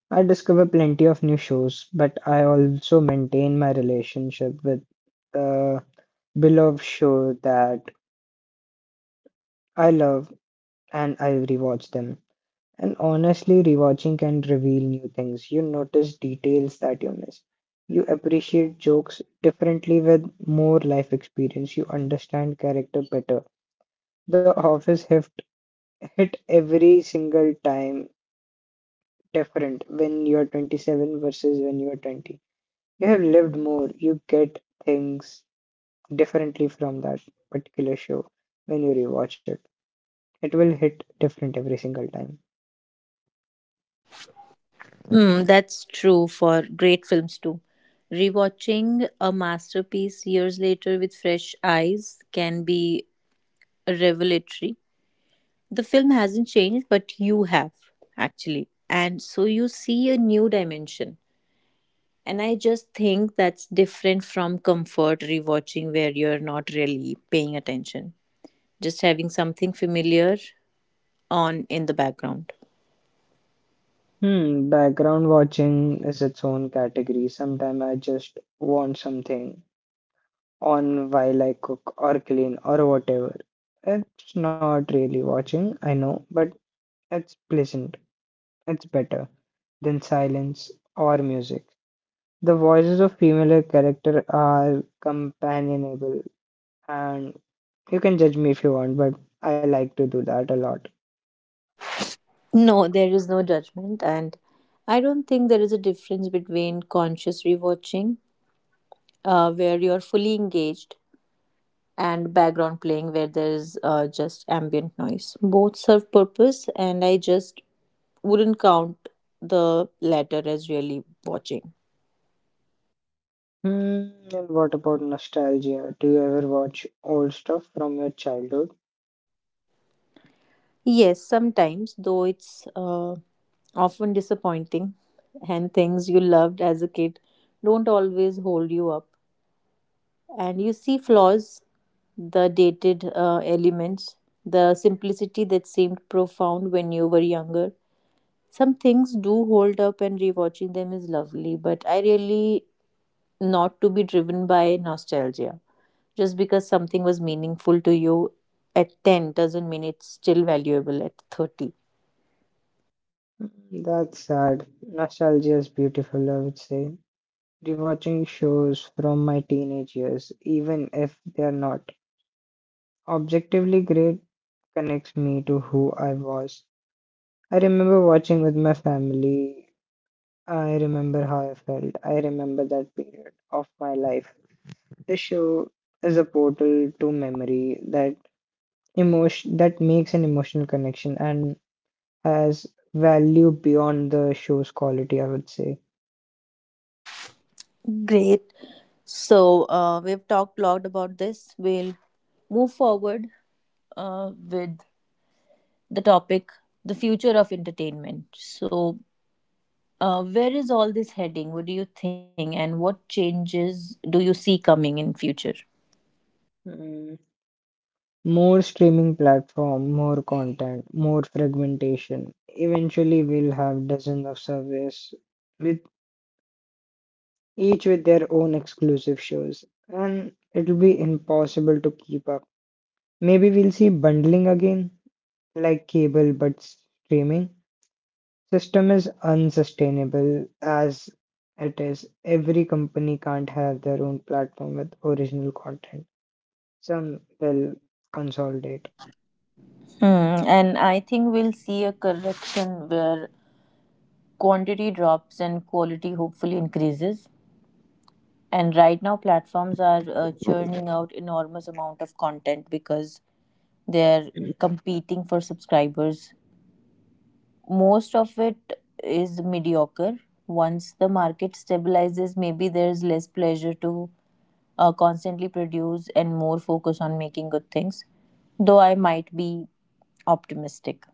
S2: I discover plenty of new shows, but I also maintain my relationship with the beloved show that I love and I rewatch them. And honestly, rewatching can reveal new things. You notice details that you miss. You appreciate jokes differently with more life experience. You understand character better. The Office hit every single time, different when you're 27 versus when you're 20. You have lived more, you get things differently from that particular show when you rewatch it. It will hit different every single time.
S1: Mm, that's true for great films too. Rewatching a masterpiece years later with fresh eyes can be revelatory. The film hasn't changed, but you have, actually. And so you see a new dimension. And I just think that's different from comfort rewatching where you're not really paying attention, just having something familiar on in the background.
S2: Hmm, background watching is its own category. Sometimes I just want something on while I cook or clean or whatever. It's not really watching, I know, but it's pleasant. It's better than silence or music. The voices of female character are companionable, and you can judge me if you want, but I like to do that a lot.
S1: No, there is no judgment, and I don't think there is a difference between conscious rewatching, where you're fully engaged, and background playing, where there is just ambient noise. Both serve purpose, and I just wouldn't count the latter as really watching.
S2: Hmm, and what about nostalgia? Do you ever watch old stuff from your childhood?
S1: Yes, sometimes, though it's often disappointing, and things you loved as a kid don't always hold you up. And you see flaws, the dated elements, the simplicity that seemed profound when you were younger. Some things do hold up, and rewatching them is lovely, but I really not to be driven by nostalgia. Just because something was meaningful to you at 10 doesn't mean it's still valuable at 30.
S2: Hmm, that's sad. Nostalgia is beautiful, I would say. Rewatching shows from my teenage years, even if they are not objectively great, connects me to who I was. I remember watching with my family. I remember how I felt. I remember that period of my life. The show is a portal to memory, that emotion that makes an emotional connection and has value beyond the show's quality, I would say.
S1: Great. So we've talked a lot about this. We'll move forward with the topic, the future of entertainment. So, where is all this heading? What do you think, and what changes do you see coming in future?
S2: Mm, more streaming platform, more content, more fragmentation. Eventually, we'll have dozens of service with each with their own exclusive shows, and it'll be impossible to keep up. Maybe we'll see bundling again, like cable but streaming. System is unsustainable as it is. Every company can't have their own platform with original content. Some will consolidate.
S1: Hmm, and I think we'll see a correction where quantity drops and quality hopefully increases. And right now, platforms are churning out enormous amount of content because they're competing for subscribers. Most of it is mediocre. Once the market stabilizes, maybe there's less pleasure to constantly produce and more focus on making good things, though I might be optimistic.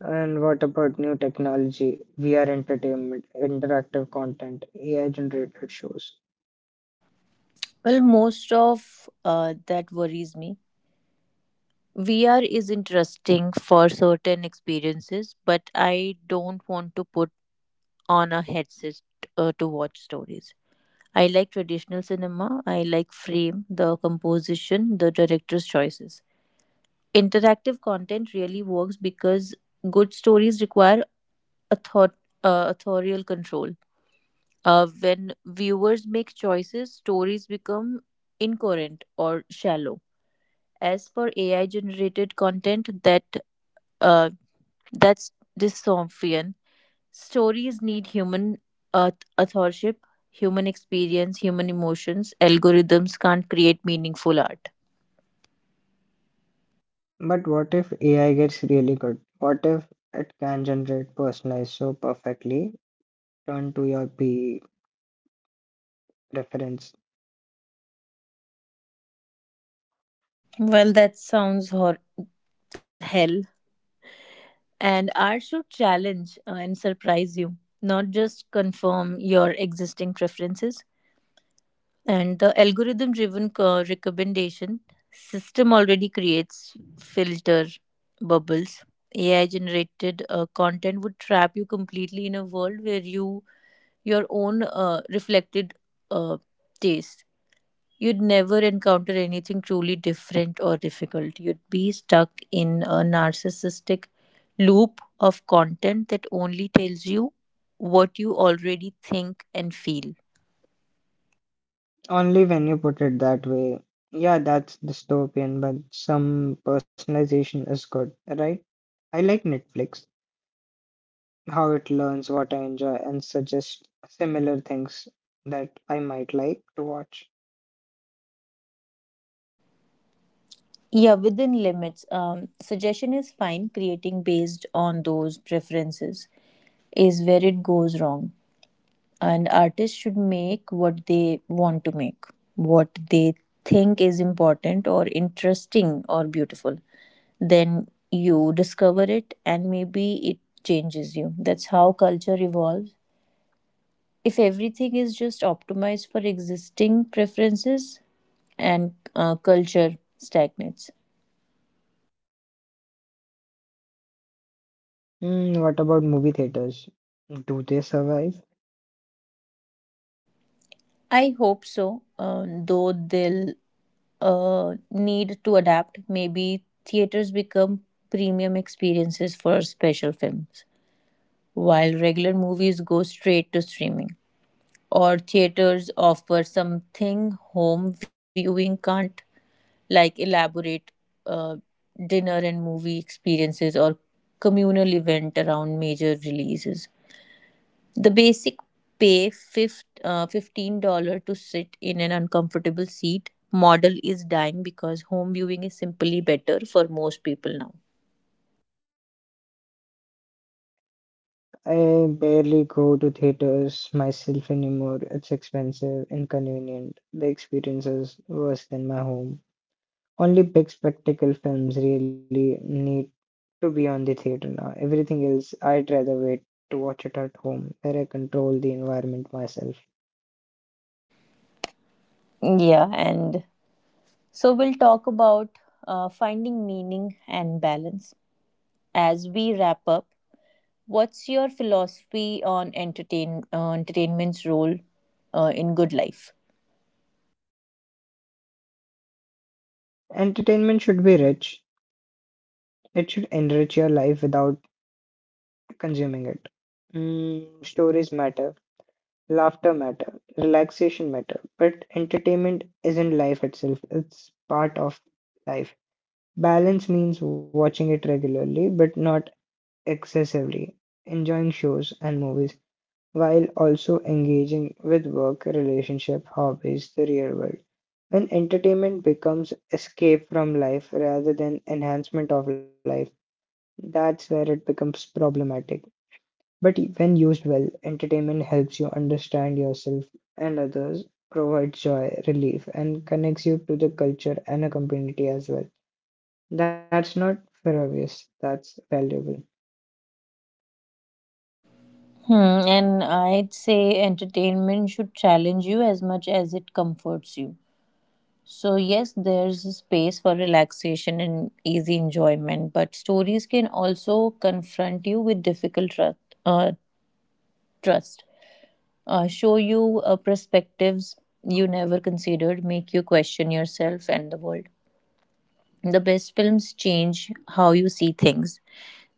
S2: And what about new technology, VR entertainment, interactive content, AI generated shows?
S1: Well, most of that worries me. VR is interesting for certain experiences, but I don't want to put on a headset to watch stories. I like traditional cinema. I like frame, the composition, the director's choices. Interactive content really works because good stories require author- authorial control. When viewers make choices, stories become incoherent or shallow. As for AI generated content, uh, that's dystopian. Stories need human authorship, human experience, human emotions. Algorithms can't create meaningful art.
S2: But what if AI gets really good? What if it can generate personalized so perfectly, turn to your P preference?
S1: Well, that sounds hell. And art should challenge and surprise you, not just confirm your existing preferences. And the algorithm driven recommendation system already creates filter bubbles. AI generated content would trap you completely in a world where you your own reflected uh, taste. You'd never encounter anything truly different or difficult. You'd be stuck in a narcissistic loop of content that only tells you what you already think and feel.
S2: Only when you put it that way. Yeah, that's dystopian, but some personalization is good, right? I like Netflix, how it learns what I enjoy and suggests similar things that I might like to watch.
S1: Yeah, within limits. Suggestion is fine. Creating based on those preferences is where it goes wrong. And artists should make what they want to make, what they think is important or interesting or beautiful. Then you discover it and maybe it changes you. That's how culture evolves. If everything is just optimized for existing preferences, and culture stagnates.
S2: Hmm, what about movie theaters? Do they survive?
S1: I hope so, though they'll need to adapt. Maybe theaters become premium experiences for special films, while regular movies go straight to streaming, or theaters offer something home viewing can't, like elaborate uh, dinner and movie experiences or communal event around major releases. The basic $15 to sit in an uncomfortable seat model is dying because home viewing is simply better for most people now.
S2: I barely go to theaters myself anymore. It's expensive, inconvenient. The experience is worse than my home. Only big spectacle films really need to be on the theater now. Everything else, I'd rather wait to watch it at home, where I control the environment myself.
S1: Yeah, and so, we'll talk about finding meaning and balance. As we wrap up, what's your philosophy on entertainment's role in good life?
S2: Entertainment should be rich. It should enrich your life without consuming it. Mm, stories matter. Laughter matter, relaxation matter, but entertainment isn't life itself. It's part of life. Balance means watching it regularly but not excessively, enjoying shows and movies while also engaging with work, relationship, hobbies, the real world. When entertainment becomes escape from life rather than enhancement of life, that's where it becomes problematic. But when used well, entertainment helps you understand yourself and others, provides joy, relief, and connects you to the culture and a community as well. That's not frivolous, that's valuable.
S1: Hmm, and I'd say entertainment should challenge you as much as it comforts you. So, yes, there's a space for relaxation and easy enjoyment, but stories can also confront you with uh, trust. Show you perspectives you never considered, make you question yourself and the world. The best films change how you see things.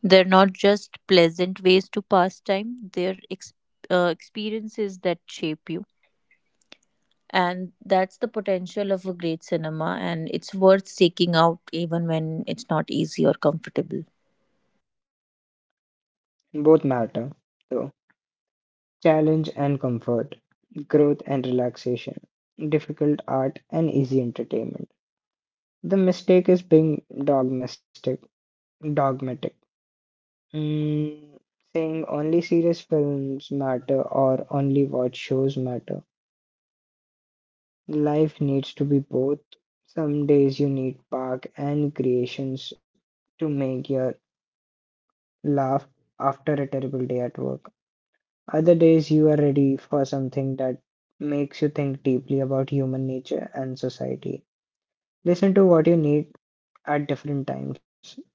S1: They're not just pleasant ways to pass time, they're experiences that shape you. And that's the potential of a great cinema, and it's worth seeking out even when it's not easy or comfortable.
S2: Both matter, though. Challenge and comfort, growth and relaxation, difficult art and easy entertainment. The mistake is being dogmatic. Mm, saying only serious films matter or only watch shows matter. Life needs to be both. Some days you need park and creations to make you laugh after a terrible day at work. Other days you are ready for something that makes you think deeply about human nature and society. Listen to what you need at different times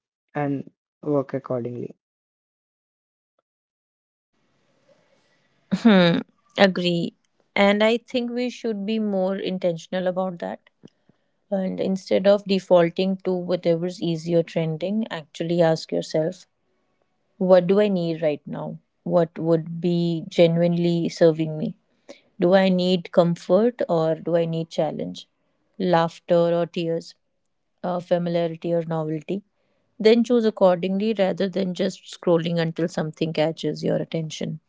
S2: and work accordingly.
S1: Hmm, agree. And I think we should be more intentional about that. And instead of defaulting to whatever's easier trending, actually ask yourself, what do I need right now? What would be genuinely serving me? Do I need comfort or do I need challenge? Laughter or tears? Familiarity or novelty? Then choose accordingly rather than just scrolling until something catches your attention.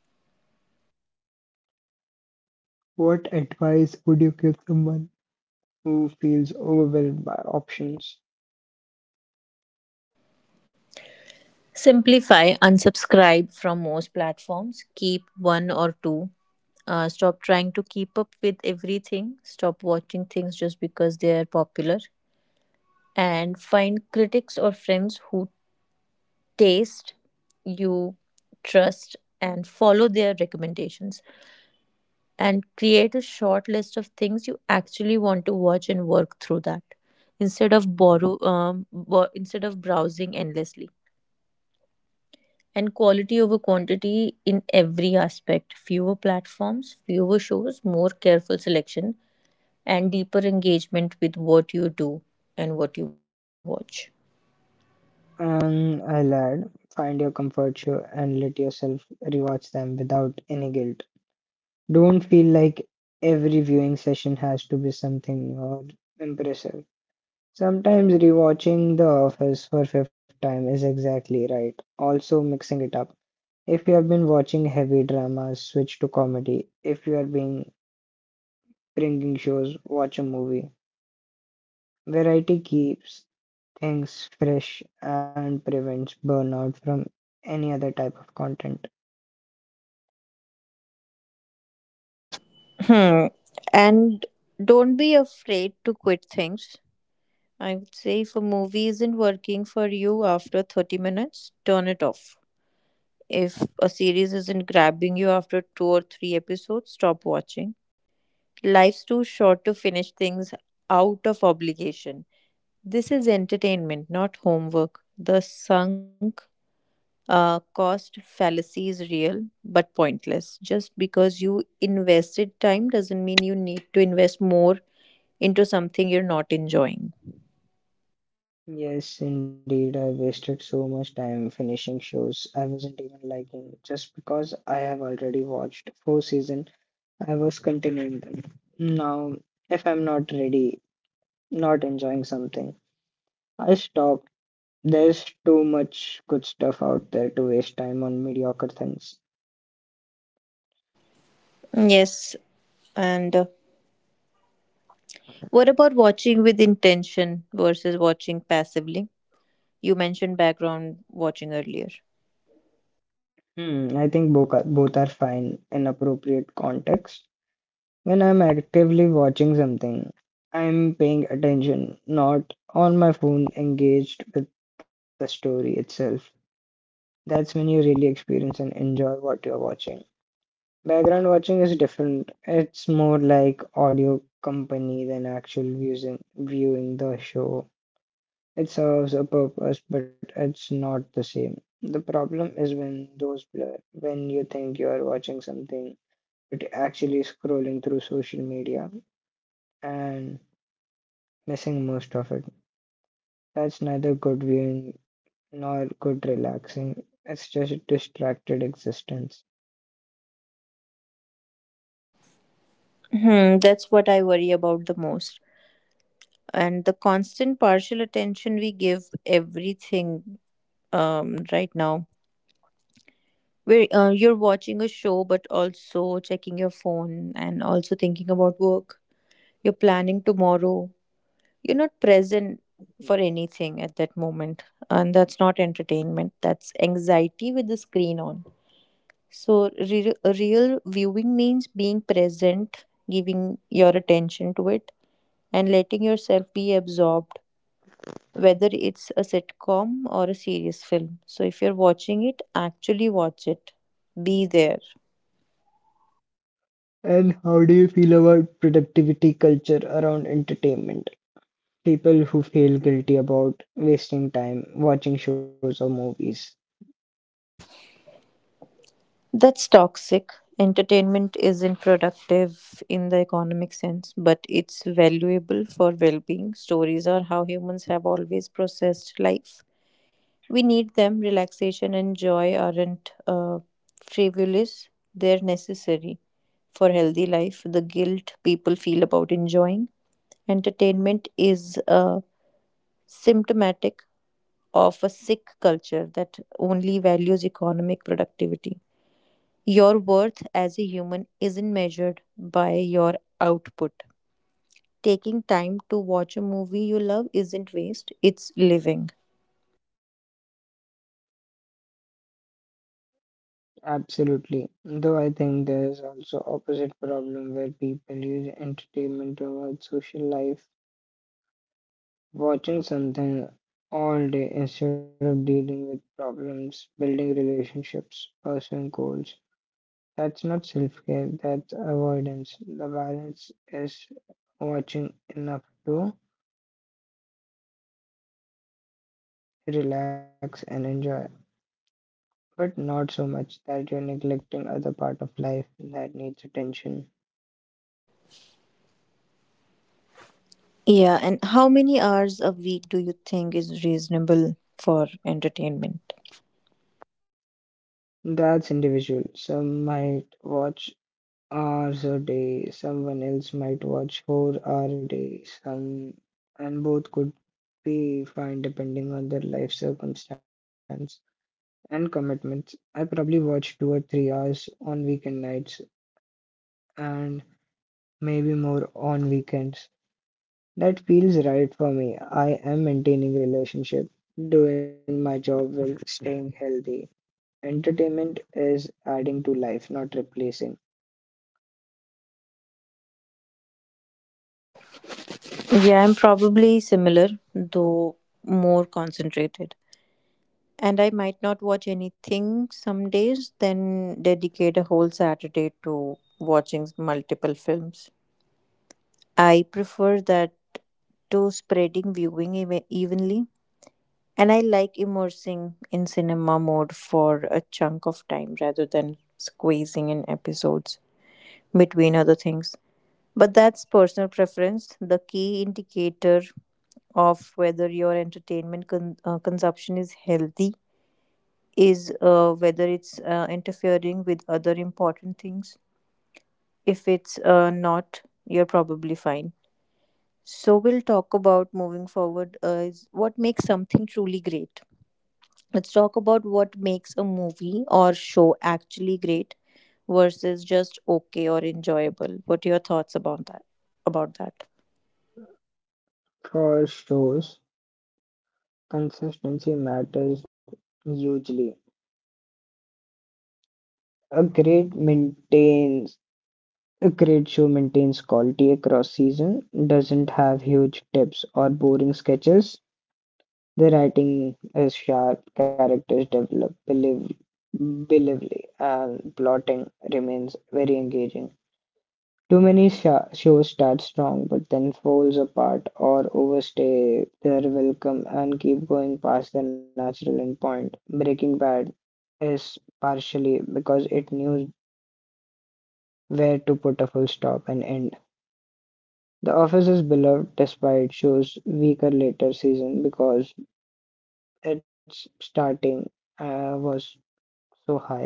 S2: What advice would you give someone who feels overwhelmed by options?
S1: Simplify, unsubscribe from most platforms, keep one or two. Stop trying to keep up with everything. Stop watching things just because they are popular. And find critics or friends who taste you trust and follow their recommendations. And create a short list of things you actually want to watch and work through that instead of instead of browsing endlessly, and quality over quantity in every aspect, fewer platforms, fewer shows, more careful selection and deeper engagement with what you do and what you watch.
S2: And I lad, find your comfort show and let yourself rewatch them without any guilt. Don't feel like every viewing session has to be something new or impressive. Sometimes rewatching The Office for fifth time is exactly right. Also mixing it up. If you have been watching heavy dramas, switch to comedy. If you are being bringing shows, watch a movie. Variety keeps things fresh and prevents burnout from any other type of content.
S1: Hmm. And don't be afraid to quit things. I would say if a movie isn't working for you after 30 minutes, turn it off. If a series isn't grabbing you after two or three episodes, stop watching. Life's too short to finish things out of obligation. This is entertainment, not homework. The sunk cost fallacy is real but pointless. Just because you invested time doesn't mean you need to invest more into something you're not enjoying.
S2: Yes, indeed, I wasted so much time finishing shows I wasn't even liking just because I have already watched four seasons. I was continuing them. Now, if I'm not ready, not enjoying something, I stop. There's too much good stuff out there to waste time on mediocre things.
S1: Yes, and what about watching with intention versus watching passively? You mentioned background watching earlier.
S2: Hmm, I think both are fine in appropriate context. When I'm actively watching something, I'm paying attention, not on my phone, engaged with the story itself. That's when you really experience and enjoy what you're watching. Background watching is different. It's more like audio company than actual viewing the show. It serves a purpose, but it's not the same. The problem is when those blur, when you think you are watching something, but actually scrolling through social media and missing most of it. That's neither good viewing nor good relaxing. It's just distracted existence.
S1: Hmm, that's what I worry about the most. And the constant partial attention we give everything right now where you're watching a show but also checking your phone and also thinking about work. You're planning tomorrow. You're not present for anything at that moment. And that's not entertainment, that's anxiety with the screen on. So, a real viewing means being present, giving your attention to it, and letting yourself be absorbed, whether it's a sitcom or a serious film. So, if you're watching it, actually watch it. Be there.
S2: And how do you feel about productivity culture around entertainment? People who feel guilty about wasting time watching shows or movies.
S1: That's toxic. Entertainment isn't productive in the economic sense, but it's valuable for well being. Stories are how humans have always processed life. We need them. Relaxation and joy aren't frivolous, they're necessary for healthy life. The guilt people feel about enjoying entertainment is symptomatic of a sick culture that only values economic productivity. Your worth as a human isn't measured by your output. Taking time to watch a movie you love isn't waste, it's living.
S2: Absolutely. Though I think there is also opposite problem where people use entertainment to avoid social life. Watching something all day instead of dealing with problems, building relationships, pursuing goals. That's not self care, that's avoidance. The balance is watching enough to relax and enjoy, but not so much that you're neglecting other part of life that needs attention.
S1: Yeah, and how many hours a week do you think is reasonable for entertainment?
S2: That's individual. Some might watch hours a day. Someone else might watch 4 hours a day. Some and both could be fine depending on their life circumstance and commitments. I probably watch 2 or 3 hours on weekend nights and maybe more on weekends. That feels right for me. I am maintaining relationship, doing my job well, staying healthy. Entertainment is adding to life, not replacing.
S1: Yeah, I'm probably similar, though more concentrated. And I might not watch anything some days, then dedicate a whole Saturday to watching multiple films. I prefer that to spreading viewing evenly. And I like immersing in cinema mode for a chunk of time rather than squeezing in episodes between other things. But that's personal preference. The key indicator of whether your consumption is healthy is whether it's interfering with other important things. If it's not, you're probably fine. So we'll talk about moving forward is what makes something truly great. Let's talk about what makes a movie or show actually great versus just okay or enjoyable. What are your thoughts about that? About that?
S2: For shows, consistency matters hugely. A great maintains a great show maintains quality across season, doesn't have huge dips or boring sketches. The writing is sharp, characters develop believably, and plotting remains very engaging. Too many sha shows start strong but then falls apart or overstay their welcome and keep going past their natural endpoint. Breaking Bad. Yes, partially because it knew where to put a full stop and end. The Office is beloved despite shows weaker later season because its starting was so high.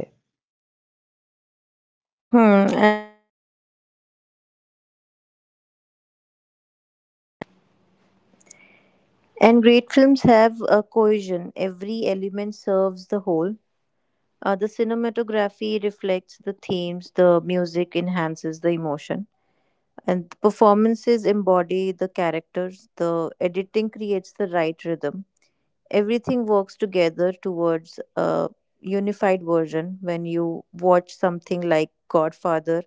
S3: And great films have a cohesion. Every element serves the whole. The cinematography reflects the themes, the music enhances the emotion, and the performances embody the characters, the editing creates the right rhythm. Everything works together towards a unified version. When you watch something like Godfather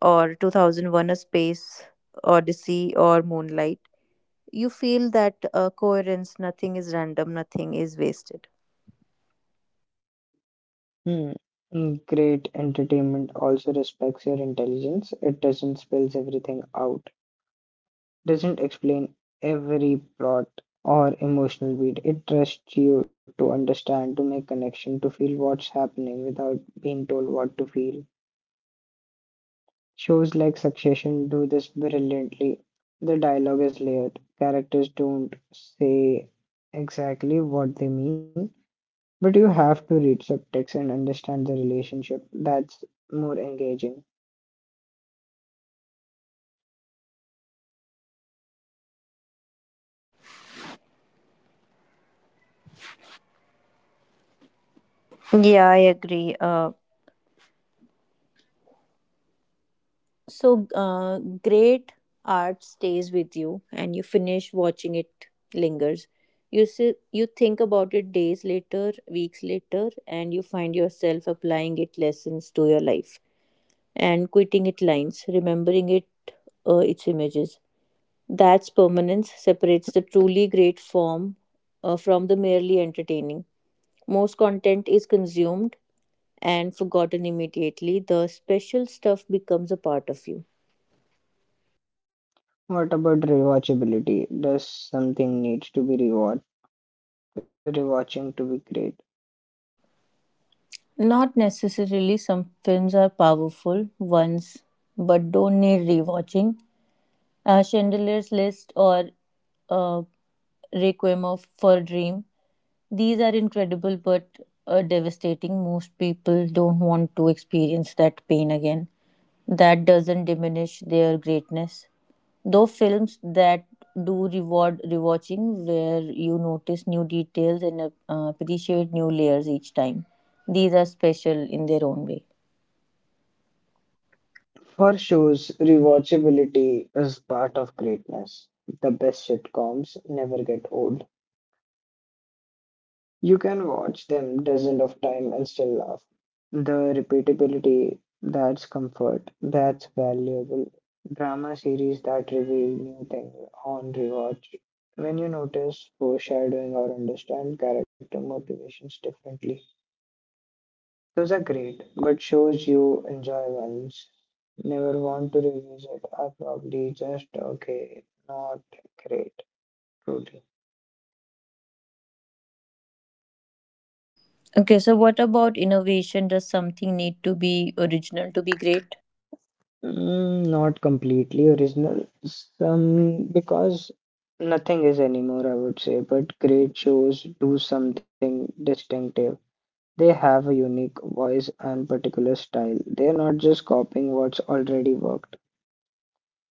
S3: or 2001 A Space Odyssey or Moonlight, you feel that coherence. Nothing is random, nothing is wasted.
S2: Hmm. Mm, great entertainment also respects your intelligence. It doesn't spills everything out, doesn't explain every plot or emotional beat. It trusts you to understand, to make connection, to feel what's happening without being told what to feel. Shows like Succession do this brilliantly. The dialogue is layered. Characters don't say exactly what they mean, but you have to read subtext and understand the relationship. That's more engaging.
S3: Yeah, I agree. So, uh, great art stays with you, and you finish watching it lingers. You sit, you think about it days later, weeks later, and you find yourself applying it lessons to your life and quitting it lines, remembering it, its images. That's permanence separates the truly great form from the merely entertaining. Most content is consumed and forgotten immediately. The special stuff becomes a part of you.
S2: What about rewatchability? Does something need to be rewatching to be great?
S3: Not necessarily. Some films are powerful once, but don't need rewatching. Chandelier's List or uh, Requiem of, for a Dream. These are incredible but devastating. Most people don't want to experience that pain again. That doesn't diminish their greatness. Though films that do reward rewatching, where you notice new details and appreciate new layers each time, these are special in their own way.
S2: For shows, rewatchability is part of greatness. The best sitcoms never get old. You can watch them dozens of times and still laugh. The repeatability, that's comfort, that's valuable. Drama series that reveal new things on rewatch. When you notice foreshadowing or understand character motivations differently, those are great, but shows you enjoy once, never want to revisit are probably just okay, not great, truly.
S3: Okay, so what about innovation? Does something need to be original to be great?
S2: Mm, not completely original. Some because nothing is anymore, I would say, but great shows do something distinctive. They have a unique voice and particular style. They are not just copying what's already worked.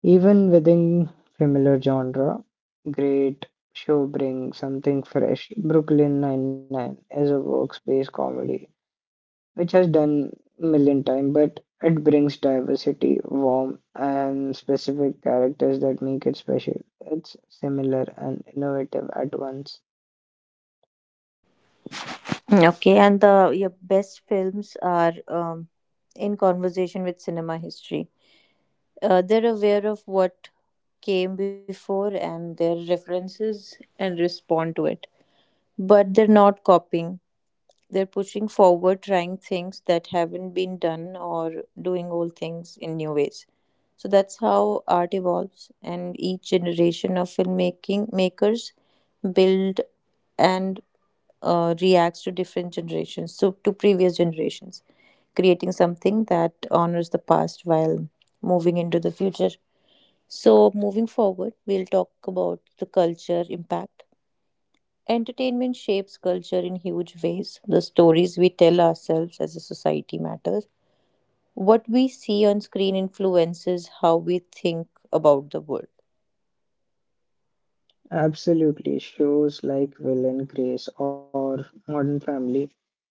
S2: Even within similar genre, great show bring something fresh. Brooklyn Nine-Nine is a workspace comedy which has done million times, but it brings diversity, warmth, and specific characters that make it special. It's similar and innovative at once.
S3: Okay, and the your best films are in conversation with cinema history. They're aware of what came before and their references and respond to it, but they're not copying. They're pushing forward, trying things that haven't been done, or doing old things in new ways. So that's how art evolves, and each generation of filmmaking makers build and reacts to different generations, so to previous generations, creating something that honors the past while moving into the future. So, moving forward, we'll talk about the culture impact. Entertainment shapes culture in huge ways. The stories we tell ourselves as a society matters. What we see on screen influences how we think about the world.
S2: Absolutely, shows like Will and Grace or Modern Family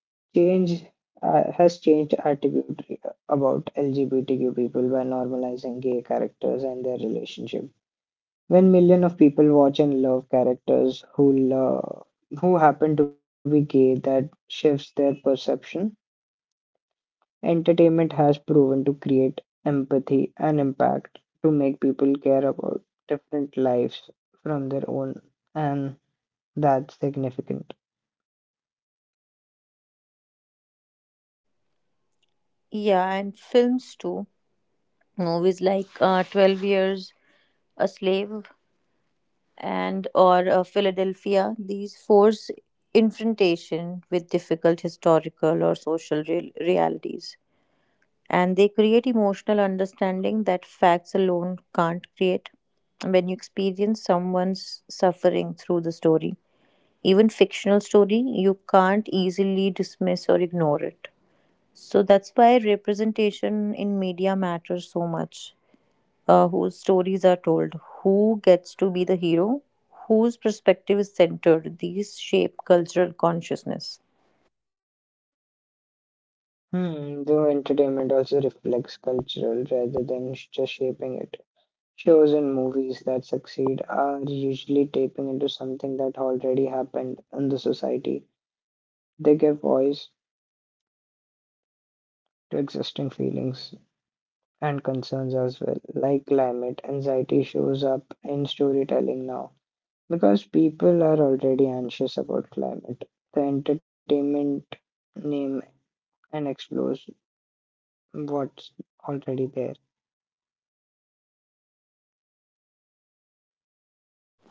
S2: change has changed attitude about LGBTQ people by normalizing gay characters and their relationship. When millions of people watch and love characters who love, who happen to be gay, that shifts their perception. Entertainment has proven to create empathy and impact to make people care about different lives from their own, and that's significant.
S3: Yeah, and films too. Movies like 12 Years a Slave and or Philadelphia, these force confrontation with difficult historical or social realities, and they create emotional understanding that facts alone can't create. When you experience someone's suffering through the story, even fictional story, you can't easily dismiss or ignore it. So that's why representation in media matters so much. Whose stories are told, who gets to be the hero, whose perspective is centered. These shape cultural consciousness.
S2: Hmm, the entertainment also reflects cultural rather than just shaping it. Shows and movies that succeed are usually tapping into something that already happened in the society. They give voice to existing feelings and concerns as well, like climate anxiety shows up in storytelling now because people are already anxious about climate. The entertainment name and explores what's already there.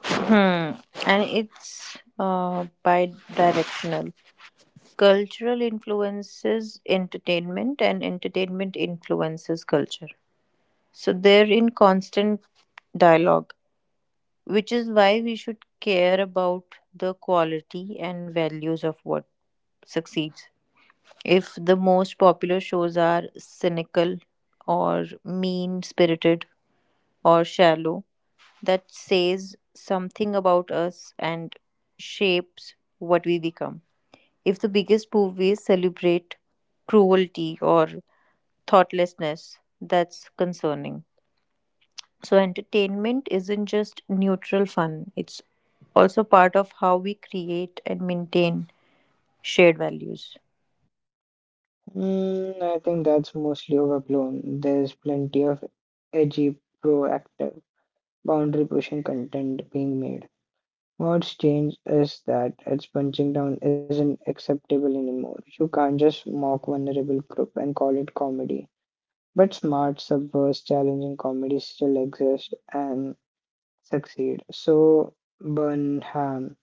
S3: Hmm. And it's bi directional. Cultural influences entertainment, and entertainment influences culture. So they're in constant dialogue, which is why we should care about the quality and values of what succeeds. If the most popular shows are cynical or mean spirited or shallow, that says something about us and shapes what we become. If the biggest movies celebrate cruelty or thoughtlessness, that's concerning. So, entertainment isn't just neutral fun, it's also part of how we create and maintain shared values.
S2: Mm, I think that's mostly overblown. There's plenty of edgy, proactive, boundary pushing content being made. What's changed is that its punching down isn't acceptable anymore. You can't just mock vulnerable group and call it comedy. But smart, subversive, challenging comedy still exists and succeed. So Burnham,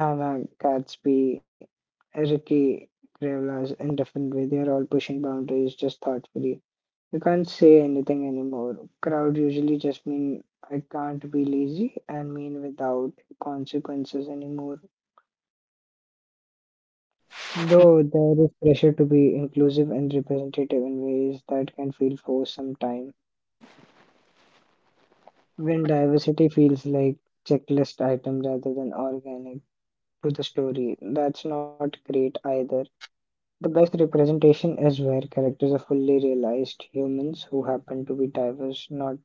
S2: Hannah Gatsby, Ricky Gervais, in different way, they are all pushing boundaries just thoughtfully. You can't say anything anymore. Crowd usually just mean I can't be lazy and mean without consequences anymore. Though there is pressure to be inclusive and representative in ways that can feel forced sometimes, when diversity feels like checklist item rather than organic to the story, that's not great either. The best representation is where characters are fully realized humans who happen to be diverse, not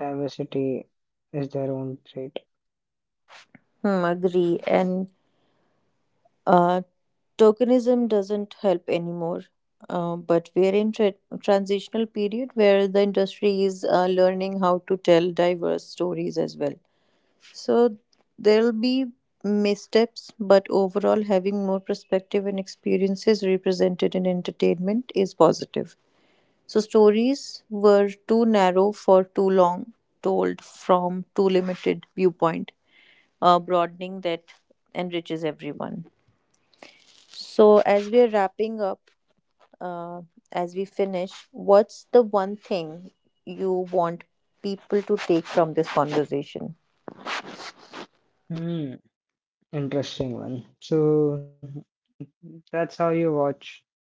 S2: diversity is their own trait.
S3: Hmm, agree. And uh, tokenism doesn't help anymore. But we're in transitional period where the industry is learning how to tell diverse stories as well. So there'll be missteps, but overall, having more perspective and experiences represented in entertainment is positive. So stories were too narrow for too long, told from too limited viewpoint, broadening that enriches everyone. So as we are wrapping up, uh, as we finish, what's the one thing you want people to take from this conversation?
S2: Hmm, interesting one. So that's how you watch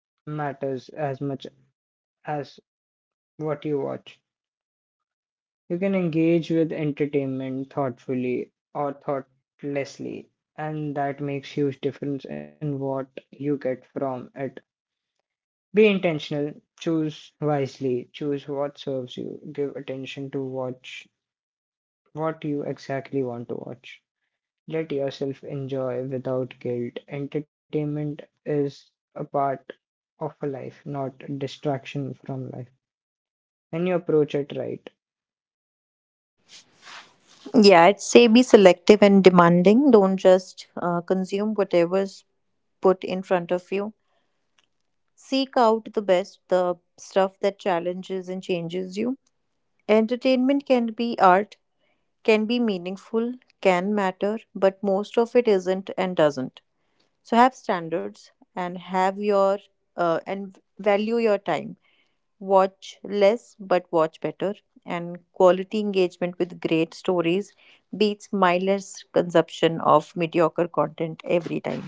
S2: matters as much as what you watch. You can engage with entertainment thoughtfully or thoughtlessly, and that makes huge difference in what you get from it. Be intentional, choose wisely, choose what serves you, give attention to watch what you exactly want to watch. Let yourself enjoy without guilt. Entertainment is a part of a life, not a distraction from life. When you approach it right,
S3: Yeah, I'd say be selective and demanding. Don't just consume whatever's put in front of you. Seek out the best, the stuff that challenges and changes you. Entertainment can be art, can be meaningful, can matter, but most of it isn't and doesn't. So have standards and have your and value your time, watch less but watch better, and quality engagement with great stories beats mindless consumption of mediocre content every time.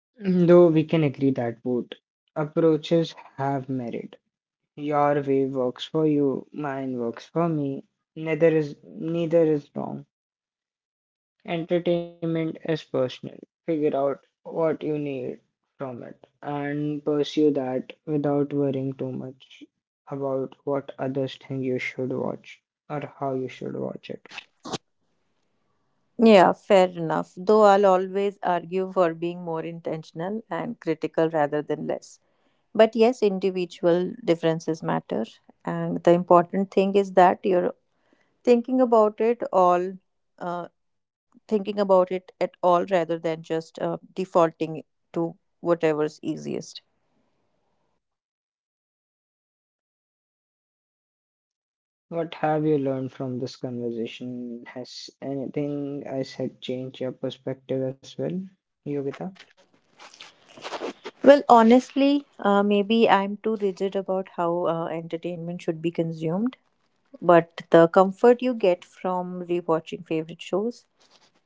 S2: though we can agree that both approaches have merit. Your way works for you, mine works for me. Neither is wrong. Entertainment is personal. Figure out what you need from it and pursue that without worrying too much about what others think you should watch or how you should watch it.
S3: Yeah, fair enough, though I'll always argue for being more intentional and critical rather than less, but yes, individual differences matter, and the important thing is that you're thinking about it all uh, thinking about it at all rather than just defaulting to whatever's easiest.
S2: What have you learned from this conversation? Has anything I said changed your perspective as well, Yogita?
S3: Well, honestly, maybe I'm too rigid about how entertainment should be consumed, but the comfort you get from rewatching favorite shows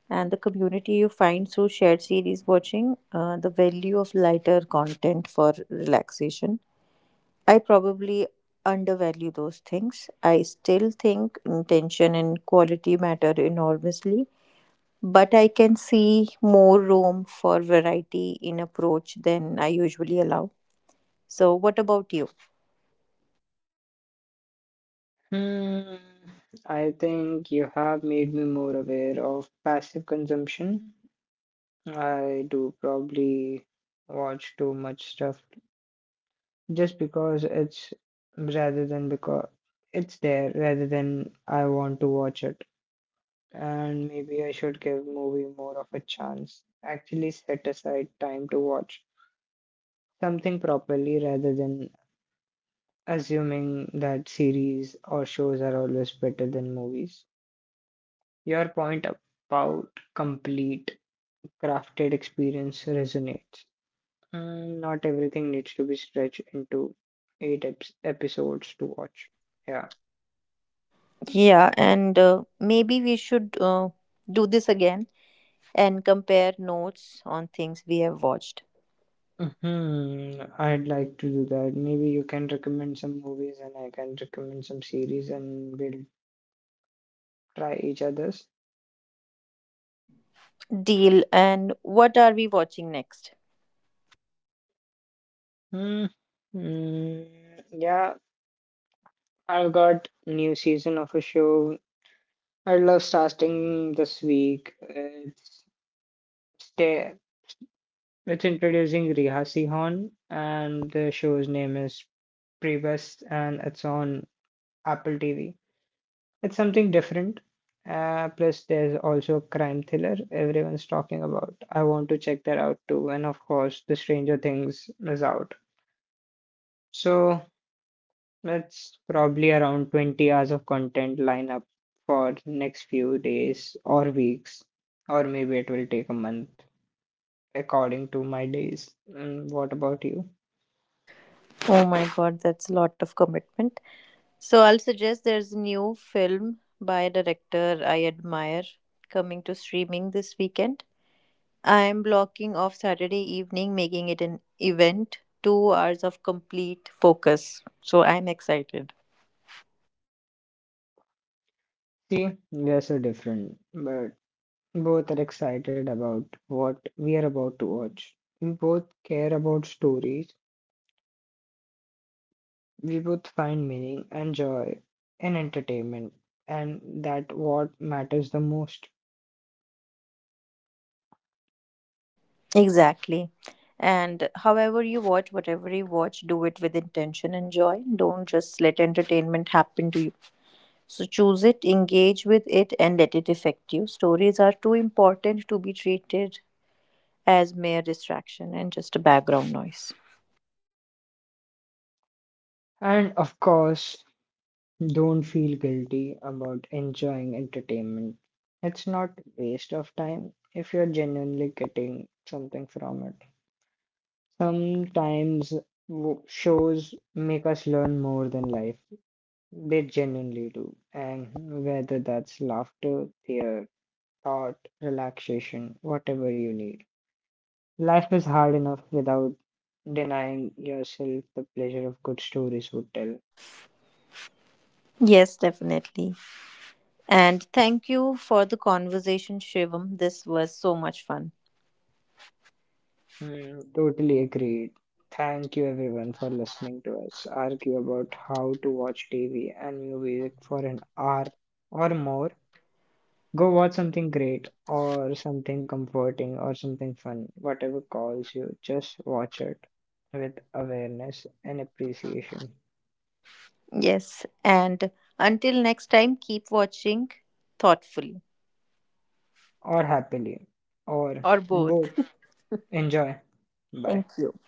S3: and the community you find through shared series watching, the value of lighter content for relaxation, I probably undervalue those things. I still think intention and quality matter enormously, but I can see more room for variety in approach than I usually allow. So, what about you?
S2: Hmm, I think you have made me more aware of passive consumption. I do probably watch too much stuff just because rather than because it's there rather than I want to watch it. And maybe I should give movie more of a chance. Actually set aside time to watch something properly rather than assuming that series or shows are always better than movies. Your point about complete crafted experience resonates. Mm, not everything needs to be stretched into eight eps episodes to watch. Yeah.
S3: Yeah, and maybe we should do this again and compare notes on things we have watched.
S2: Hmm, I'd like to do that. Maybe you can recommend some movies and I can recommend some series and we'll try each other's.
S3: Deal, and what are we watching next?
S2: Mm. Mm, yeah, I've got new season of a show I love starting this week. Stay, it's introducing Riha Sihan and the show's name is Prebest and it's on Apple TV. It's something different. Plus there's also a crime thriller everyone's talking about. I want to check that out too. And of course, The Stranger Things is out. So that's probably around 20 hours of content lined up for next few days or weeks, or maybe it will take a month according to my days. And what about you?
S3: Oh my god, that's a lot of commitment. So, I'll suggest there's a new film by a director I admire coming to streaming this weekend. I'm blocking off Saturday evening, making it an event, 2 hours of complete focus. So, I'm excited.
S2: See, we are so different, but both are excited about what we are about to watch. We both care about stories. We both find meaning and joy in entertainment, and that what matters the most.
S3: Exactly. And however you watch, whatever you watch, do it with intention and joy. Don't just let entertainment happen to you. So choose it, engage with it, and let it affect you. Stories are too important to be treated as mere distraction and just a background noise.
S2: And of course, don't feel guilty about enjoying entertainment. It's not waste of time if you're genuinely getting something from it. Sometimes shows make us learn more than life. They genuinely do. And whether that's laughter, fear, thought, relaxation, whatever you need. Life is hard enough without denying yourself the pleasure of good stories would tell.
S3: Yes, definitely. And thank you for the conversation, Shivam. This was so much fun.
S2: Hmm, totally agreed. Thank you everyone for listening to us argue about how to watch TV and movies for an hour or more. Go watch something great or something comforting or something fun, whatever calls you. Just watch it with awareness and appreciation,
S3: Yes. And until next time, keep watching thoughtfully
S2: or happily, or
S3: or both.
S2: both. Enjoy.
S3: (laughs)
S2: Bye.
S3: Thank you.